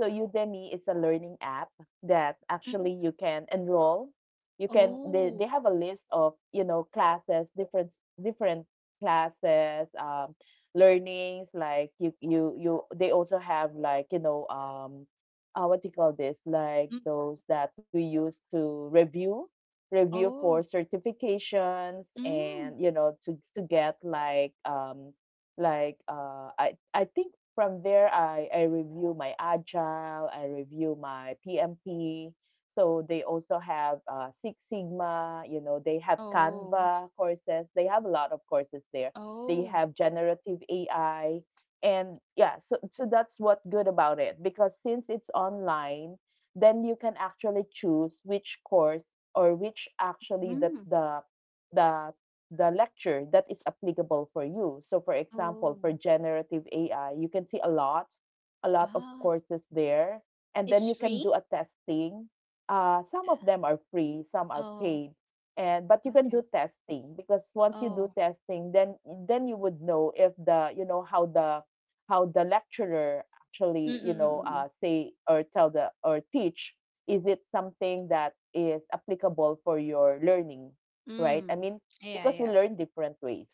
Speaker 1: So Udemy, it's a learning app that
Speaker 2: Mm.
Speaker 1: actually you can enroll. You can,
Speaker 2: Oh.
Speaker 1: they have a list of, you know, classes, different different classes, learnings, like you. They also have like, you know, what do you call this?
Speaker 2: Mm.
Speaker 1: Like those that we use to review for
Speaker 2: Oh.
Speaker 1: certifications,
Speaker 2: Mm.
Speaker 1: and you know, to get like, um, like I think from there I review my agile, I review my PMP. So they also have Six Sigma, you know, they have
Speaker 2: Oh.
Speaker 1: Canva courses. They have a lot of courses there. They
Speaker 2: Oh.
Speaker 1: have generative AI, and yeah, so that's what good about it, because since it's online, then you can actually choose which course or which actually that
Speaker 2: Mm.
Speaker 1: the the the lecture that is applicable for you. So for example,
Speaker 2: Oh.
Speaker 1: for generative AI, you can see a lot of
Speaker 2: Ah.
Speaker 1: courses there. And then
Speaker 2: It's
Speaker 1: you can do
Speaker 2: free?
Speaker 1: a testing. Some of
Speaker 2: Yeah.
Speaker 1: them are free, some are
Speaker 2: Oh.
Speaker 1: paid. And but you can
Speaker 2: Okay.
Speaker 1: do testing because once you do
Speaker 2: Oh.
Speaker 1: testing, then you would know if the you know how the lecturer
Speaker 2: Mm
Speaker 1: actually,
Speaker 2: mm mm.
Speaker 1: say or tell the or teach, is it something that is applicable for your learning,
Speaker 2: Mm. Mm.
Speaker 1: right?
Speaker 2: Mm.
Speaker 1: I mean,
Speaker 2: Yeah.
Speaker 1: because we
Speaker 2: Yeah.
Speaker 1: learn different ways,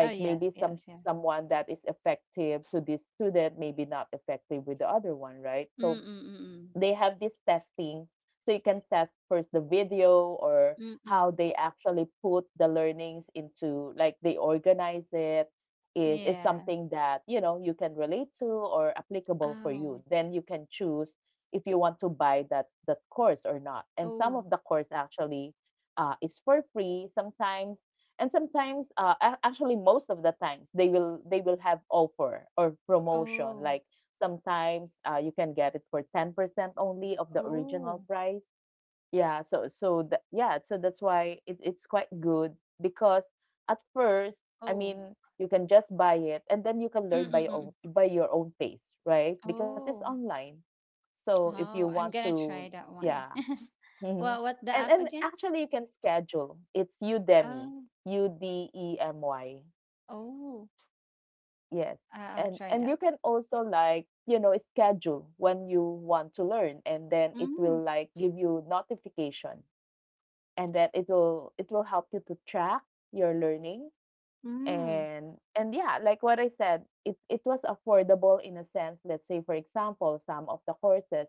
Speaker 2: Oh. Yes.
Speaker 1: maybe
Speaker 2: Yes.
Speaker 1: some
Speaker 2: Yeah.
Speaker 1: someone that is effective to this student maybe not effective with the other one, right?
Speaker 2: Mm
Speaker 1: So
Speaker 2: mm mm.
Speaker 1: they have this testing, so you can test first the video or
Speaker 2: Mm. Mm.
Speaker 1: how
Speaker 2: Mm.
Speaker 1: they actually put the learnings into, like, they organize it, is
Speaker 2: Yeah.
Speaker 1: something that, you know, you can relate to or applicable for
Speaker 2: Oh.
Speaker 1: you, then you can choose if you want to buy that course or not. And some
Speaker 2: Oh.
Speaker 1: of the course actually is for free sometimes, and sometimes actually most of the times they will have offer or promotion
Speaker 2: Oh.
Speaker 1: like. Sometimes you can get it for 10% only of the original
Speaker 2: Oh.
Speaker 1: price. Yeah, so that's why it's quite good because at first, I
Speaker 2: Oh.
Speaker 1: mean, you can just buy it and then you can
Speaker 2: Mm
Speaker 1: learn
Speaker 2: mm
Speaker 1: by your
Speaker 2: mm.
Speaker 1: own,
Speaker 2: Mm.
Speaker 1: by your own pace, right? Because it's
Speaker 2: Oh.
Speaker 1: online. So if you
Speaker 2: Oh,
Speaker 1: want
Speaker 2: I'm gonna
Speaker 1: to,
Speaker 2: try that
Speaker 1: yeah.
Speaker 2: one.
Speaker 1: hmm
Speaker 2: Well, what the
Speaker 1: And
Speaker 2: app again?
Speaker 1: actually you can schedule. It's Udemy,
Speaker 2: Um,
Speaker 1: U D E M Y.
Speaker 2: oh,
Speaker 1: Yes.
Speaker 2: I'll try
Speaker 1: And you
Speaker 2: that.
Speaker 1: can also, like, you know, schedule when you want to learn and then it will,
Speaker 2: Mm,
Speaker 1: like, give you notification and then it will help you to track your learning.
Speaker 2: mm.
Speaker 1: And yeah, like what I said, it was affordable in a sense. Let's say, for example, some of the courses,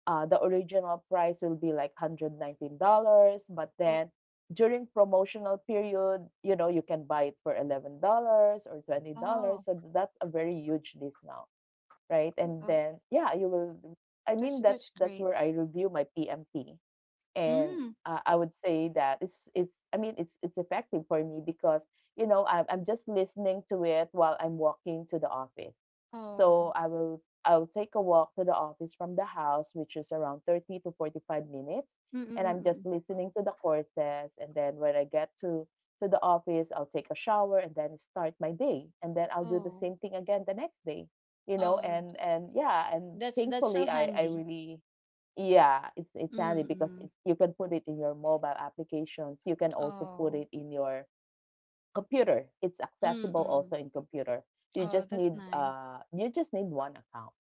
Speaker 1: the original price will be like $119, but
Speaker 2: Oh,
Speaker 1: then during promotional period, you know, you can buy it for $11 or $20.
Speaker 2: oh,
Speaker 1: So that's a very huge discount, right? And
Speaker 2: oh,
Speaker 1: then yeah, you will, I mean, that's
Speaker 2: that's
Speaker 1: that's
Speaker 2: great.
Speaker 1: where I review my PMP. And
Speaker 2: Mm.
Speaker 1: I would say that it's I mean it's effective for me because, you know, I'm just listening to it while I'm walking to the office. So
Speaker 2: Oh,
Speaker 1: I'll take a walk to the office from the house, which is around 30 to 45 minutes,
Speaker 2: mm,
Speaker 1: and
Speaker 2: mm,
Speaker 1: I'm
Speaker 2: mm,
Speaker 1: just
Speaker 2: mm.
Speaker 1: listening to the courses. And then when I get to the office, I'll take a shower and then start my day, and then I'll do the
Speaker 2: Oh,
Speaker 1: same thing again the next day. You know,
Speaker 2: oh,
Speaker 1: and yeah, and
Speaker 2: that's so
Speaker 1: thankfully I
Speaker 2: handy.
Speaker 1: really, yeah, it's
Speaker 2: Mm,
Speaker 1: handy because
Speaker 2: mm.
Speaker 1: it's, you can put it in your mobile applications. You can also put
Speaker 2: Oh,
Speaker 1: it in your computer. It's
Speaker 2: mm, mm.
Speaker 1: accessible
Speaker 2: Mm.
Speaker 1: also in computer.
Speaker 2: Oh, that's nice.
Speaker 1: You just need one account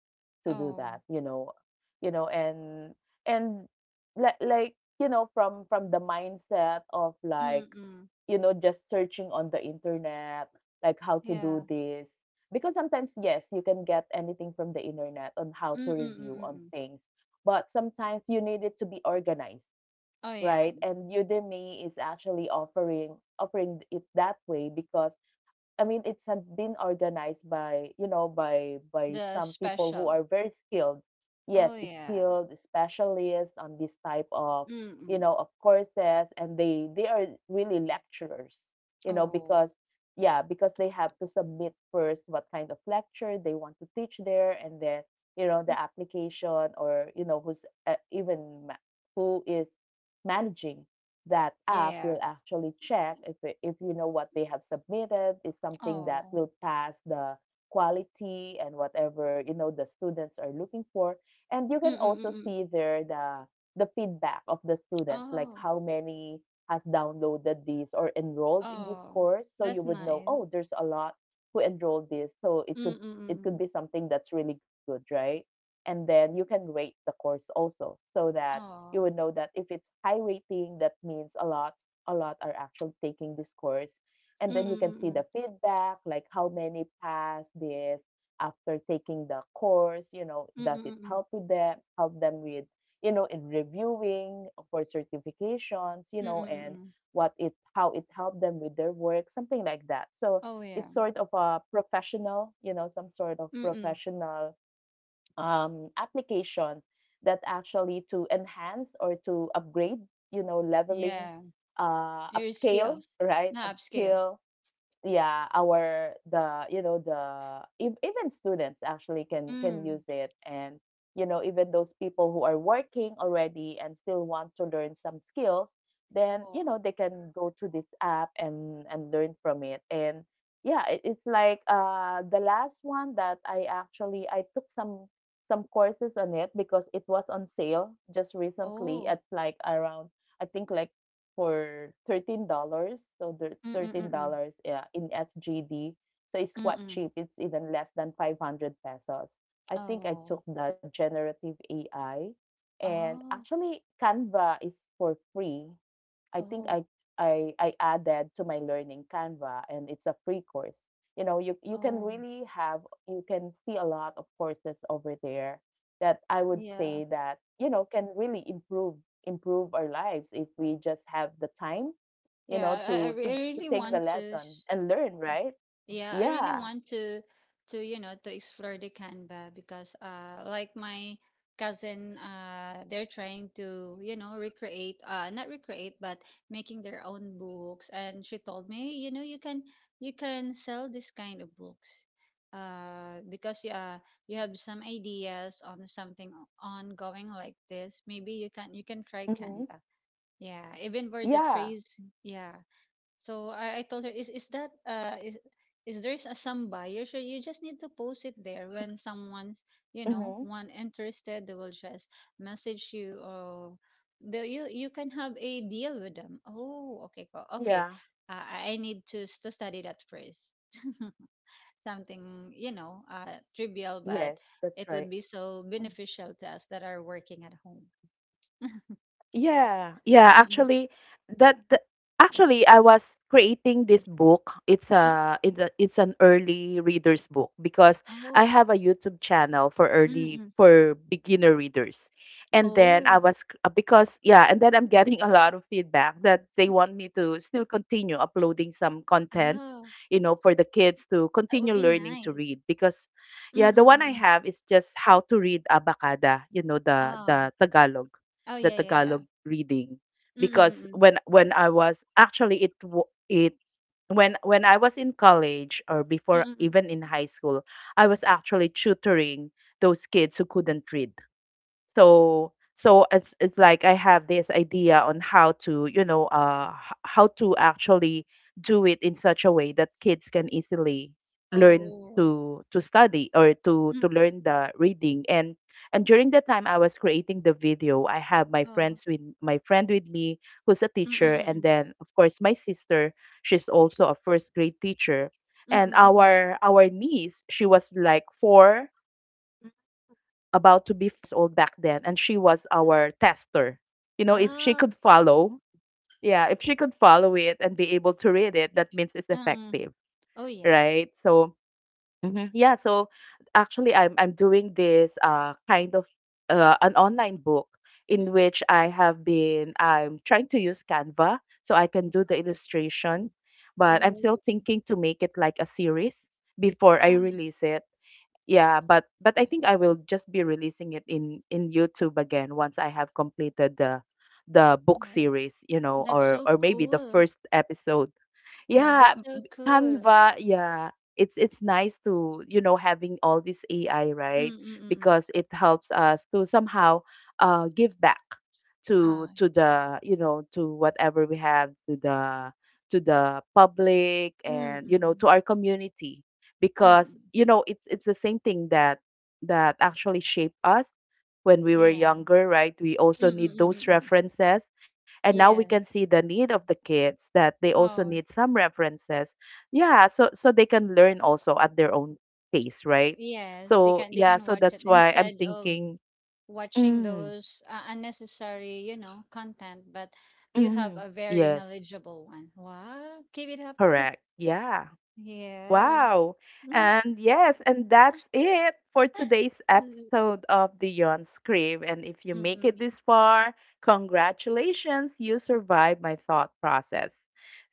Speaker 1: to do
Speaker 2: Oh,
Speaker 1: that, you know, and like, you know, from the mindset of
Speaker 2: mm,
Speaker 1: like,
Speaker 2: mm.
Speaker 1: you know, just searching on the internet, like how to
Speaker 2: Yeah.
Speaker 1: do this, because sometimes yes, you can get anything from the internet on how
Speaker 2: Mm,
Speaker 1: to
Speaker 2: mm, mm,
Speaker 1: review
Speaker 2: mm.
Speaker 1: on
Speaker 2: Mm.
Speaker 1: things, but sometimes you need it to be organized,
Speaker 2: Oh, yeah.
Speaker 1: right? And Udemy is actually offering it that way because, I mean, it's had been organized by, you know, by
Speaker 2: The
Speaker 1: some people who
Speaker 2: special.
Speaker 1: are very skilled.
Speaker 2: Oh,
Speaker 1: Yes,
Speaker 2: yeah.
Speaker 1: skilled specialists on this type of,
Speaker 2: Mm,
Speaker 1: you
Speaker 2: mm.
Speaker 1: know, of courses, and they are really lecturers, you know,
Speaker 2: Oh.
Speaker 1: because yeah, because they have to submit first what kind of lecture they want to teach there, and then, you know,
Speaker 2: Mm,
Speaker 1: the application, or, you know, who's who is managing that app
Speaker 2: yeah.
Speaker 1: will actually check if you know what they have submitted is something that
Speaker 2: Oh.
Speaker 1: will pass the quality and whatever, you know, the students are looking for. And you
Speaker 2: Mm,
Speaker 1: can
Speaker 2: mm,
Speaker 1: also
Speaker 2: mm, mm.
Speaker 1: see there the feedback of the students, like
Speaker 2: Oh.
Speaker 1: how many has downloaded this or enrolled in this
Speaker 2: Oh.
Speaker 1: course, so you
Speaker 2: That's
Speaker 1: would know,
Speaker 2: nice.
Speaker 1: oh, there's a lot who enrolled this, so it
Speaker 2: Mm,
Speaker 1: could
Speaker 2: mm, mm, mm,
Speaker 1: it could be
Speaker 2: mm.
Speaker 1: something that's really good, right? And then you can rate the course also, so that you would
Speaker 2: Oh.
Speaker 1: know that if it's high rating, that means a lot are actually taking this course. And
Speaker 2: Mm,
Speaker 1: then you
Speaker 2: mm,
Speaker 1: can
Speaker 2: mm,
Speaker 1: see the
Speaker 2: mm.
Speaker 1: feedback, like how many pass this after taking the course, you know,
Speaker 2: Mm,
Speaker 1: does
Speaker 2: mm,
Speaker 1: it
Speaker 2: mm, mm.
Speaker 1: help with them, help them with, you know, in reviewing for certifications, you
Speaker 2: Mm,
Speaker 1: know,
Speaker 2: mm, mm,
Speaker 1: and
Speaker 2: mm.
Speaker 1: what it how it helped them with their work, something like that. So
Speaker 2: Oh,
Speaker 1: it's
Speaker 2: yeah.
Speaker 1: sort of a professional, you know, some sort of
Speaker 2: Mm, mm.
Speaker 1: professional application that actually to enhance or to upgrade, you know, leveling,
Speaker 2: Yeah. Your
Speaker 1: upscale,
Speaker 2: skills.
Speaker 1: right?
Speaker 2: Not upscale.
Speaker 1: Upscale, yeah, our the, you know, the even students actually can use
Speaker 2: Mm.
Speaker 1: it, and, you know, even those people who are working already and still want to learn some skills, then, you
Speaker 2: Oh.
Speaker 1: know, they can go to this app and learn from it. And yeah, it's like the last one that I took some courses on it because it was on sale just recently.
Speaker 2: Oh.
Speaker 1: It's like around, I think, like for $13. So the
Speaker 2: Mm, mm,
Speaker 1: thirteen
Speaker 2: mm, mm.
Speaker 1: dollars yeah, in SGD. So it's
Speaker 2: Mm,
Speaker 1: quite
Speaker 2: mm.
Speaker 1: cheap. It's even less than 500 pesos. I think I
Speaker 2: Oh.
Speaker 1: took the generative AI. And
Speaker 2: Oh.
Speaker 1: actually, Canva is for free. I think
Speaker 2: Oh.
Speaker 1: I added to my learning Canva and it's a free course. You know, you can
Speaker 2: Oh.
Speaker 1: really have, you can see a lot of courses over there that I would say
Speaker 2: Yeah.
Speaker 1: that, you know, can really improve our lives if we just have the time, you know,
Speaker 2: Yeah.
Speaker 1: to
Speaker 2: I really
Speaker 1: take the
Speaker 2: want to.
Speaker 1: lesson and learn,
Speaker 2: Y-
Speaker 1: right?
Speaker 2: Yeah, I really
Speaker 1: Yeah.
Speaker 2: want to to explore the Canva because like my cousin they're trying to recreate not recreate but making their own books, and she told me, you know, you can sell this kind of books because you have some ideas on something ongoing like this. Maybe you can try
Speaker 1: Mm-hmm.
Speaker 2: Canva, yeah, even for the
Speaker 1: Yeah.
Speaker 2: trees. Yeah, so I told her, is that is there's a some buyer? So you just need to post it there. When someone's
Speaker 1: Mm-hmm.
Speaker 2: one interested, they will just message you or the you can have a deal with them. Oh, okay, cool. Okay.
Speaker 1: Yeah.
Speaker 2: I need to to study that first. Something you know trivial, but
Speaker 1: Yes, that's
Speaker 2: it
Speaker 1: right.
Speaker 2: would be so
Speaker 1: Mm-hmm.
Speaker 2: beneficial to us that are working at home.
Speaker 1: Yeah, yeah,
Speaker 2: Mm-mm.
Speaker 1: actually that, that actually I was creating this book. It's
Speaker 2: Mm.
Speaker 1: a it's an early readers book because I
Speaker 2: Oh.
Speaker 1: have a YouTube channel for early,
Speaker 2: Mm-mm.
Speaker 1: for beginner readers. And then
Speaker 2: Oh,
Speaker 1: because yeah, and then I'm getting a lot of feedback that they
Speaker 2: mm,
Speaker 1: want me to still continue uploading some contents,
Speaker 2: ah,
Speaker 1: you know, for the kids to
Speaker 2: that would
Speaker 1: continue
Speaker 2: be
Speaker 1: learning to
Speaker 2: nice.
Speaker 1: read because
Speaker 2: Mm,
Speaker 1: yeah, the
Speaker 2: mm.
Speaker 1: one
Speaker 2: Mm.
Speaker 1: I
Speaker 2: Mm.
Speaker 1: have is just how to read Abacada, you know, the
Speaker 2: Oh.
Speaker 1: the Tagalog,
Speaker 2: Oh,
Speaker 1: the
Speaker 2: yeah.
Speaker 1: Tagalog reading.
Speaker 2: Mm, mm,
Speaker 1: Because
Speaker 2: mm.
Speaker 1: when I was actually it wa- it when I was in college or
Speaker 2: Mm,
Speaker 1: before,
Speaker 2: mm, mm. Mm,
Speaker 1: even
Speaker 2: mm,
Speaker 1: in high
Speaker 2: mm.
Speaker 1: school, I was actually tutoring those kids who couldn't read. So so it's like I have this idea on how to, you know, how to actually do it in such a way that kids can easily learn
Speaker 2: Oh.
Speaker 1: to study or
Speaker 2: Mm.
Speaker 1: to learn the reading. And during the time I was creating the video, I have
Speaker 2: Oh.
Speaker 1: my friend with me, who's a
Speaker 2: Mm,
Speaker 1: teacher,
Speaker 2: mm,
Speaker 1: and
Speaker 2: mm.
Speaker 1: then of course my sister, she's also a first grade teacher.
Speaker 2: Mm,
Speaker 1: And
Speaker 2: mm, mm.
Speaker 1: our niece, she was like 4,
Speaker 2: Mm.
Speaker 1: about to be old back then, and she was our tester. You know,
Speaker 2: Oh.
Speaker 1: if
Speaker 2: Mm.
Speaker 1: she could
Speaker 2: Oh,
Speaker 1: follow, yeah, if she could follow it and be able to read it, that means it's
Speaker 2: um.
Speaker 1: effective,
Speaker 2: Oh yeah.
Speaker 1: right? So yeah, so actually I'm doing this kind of an online book, in which I have been, I'm trying to use Canva so I can do the illustration, but I'm still
Speaker 2: Oh.
Speaker 1: thinking to make it like a series before I
Speaker 2: Ah.
Speaker 1: release it. Yeah, but but I think I will just be releasing it in YouTube again once I have completed the book series, you know,
Speaker 2: That's so
Speaker 1: or maybe the
Speaker 2: cool.
Speaker 1: first episode.
Speaker 2: Yeah,
Speaker 1: Yeah,
Speaker 2: that's so cool.
Speaker 1: Canva, yeah. It's nice to, you know, having all this AI, right?
Speaker 2: Mm, mm, mm. Mm.
Speaker 1: Because it helps us to somehow give back
Speaker 2: Ah.
Speaker 1: to the, you know, to whatever we have, to the public
Speaker 2: Mm,
Speaker 1: and, you know, to
Speaker 2: mm.
Speaker 1: our community.
Speaker 2: Mm.
Speaker 1: Because,
Speaker 2: Mm.
Speaker 1: you know, it's the same thing that that actually shape us when we were
Speaker 2: Yeah.
Speaker 1: younger, right? We
Speaker 2: Mm,
Speaker 1: also
Speaker 2: mm,
Speaker 1: need
Speaker 2: mm,
Speaker 1: those
Speaker 2: mm. Mm.
Speaker 1: references, and now we
Speaker 2: Yeah.
Speaker 1: can see the need of the kids, that they also
Speaker 2: Oh,
Speaker 1: need some references. Yeah, so so they can learn also at their own pace, right?
Speaker 2: yes.
Speaker 1: So
Speaker 2: They
Speaker 1: yeah,
Speaker 2: can
Speaker 1: so
Speaker 2: watch it
Speaker 1: that's why I'm
Speaker 2: instead of
Speaker 1: thinking,
Speaker 2: watching
Speaker 1: mm,
Speaker 2: those unnecessary, you know, content, but you have
Speaker 1: mm
Speaker 2: a very
Speaker 1: yes,
Speaker 2: knowledgeable one. Wow, keep it up.
Speaker 1: correct, yeah.
Speaker 2: Yes.
Speaker 1: Wow.
Speaker 2: Mhm.
Speaker 1: And yes, and that's it for today's episode of Beyond Script. And if you make it
Speaker 2: Mm,
Speaker 1: this far, congratulations, you survived my thought process.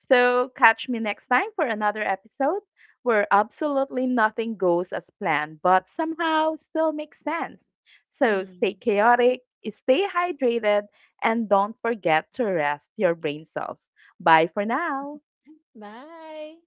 Speaker 1: So catch me next time for another episode where absolutely nothing goes as planned, but somehow still makes sense.
Speaker 2: mm,
Speaker 1: So stay
Speaker 2: mm.
Speaker 1: chaotic, stay hydrated, and don't forget to rest your brain cells. Bye for now.
Speaker 2: Bye.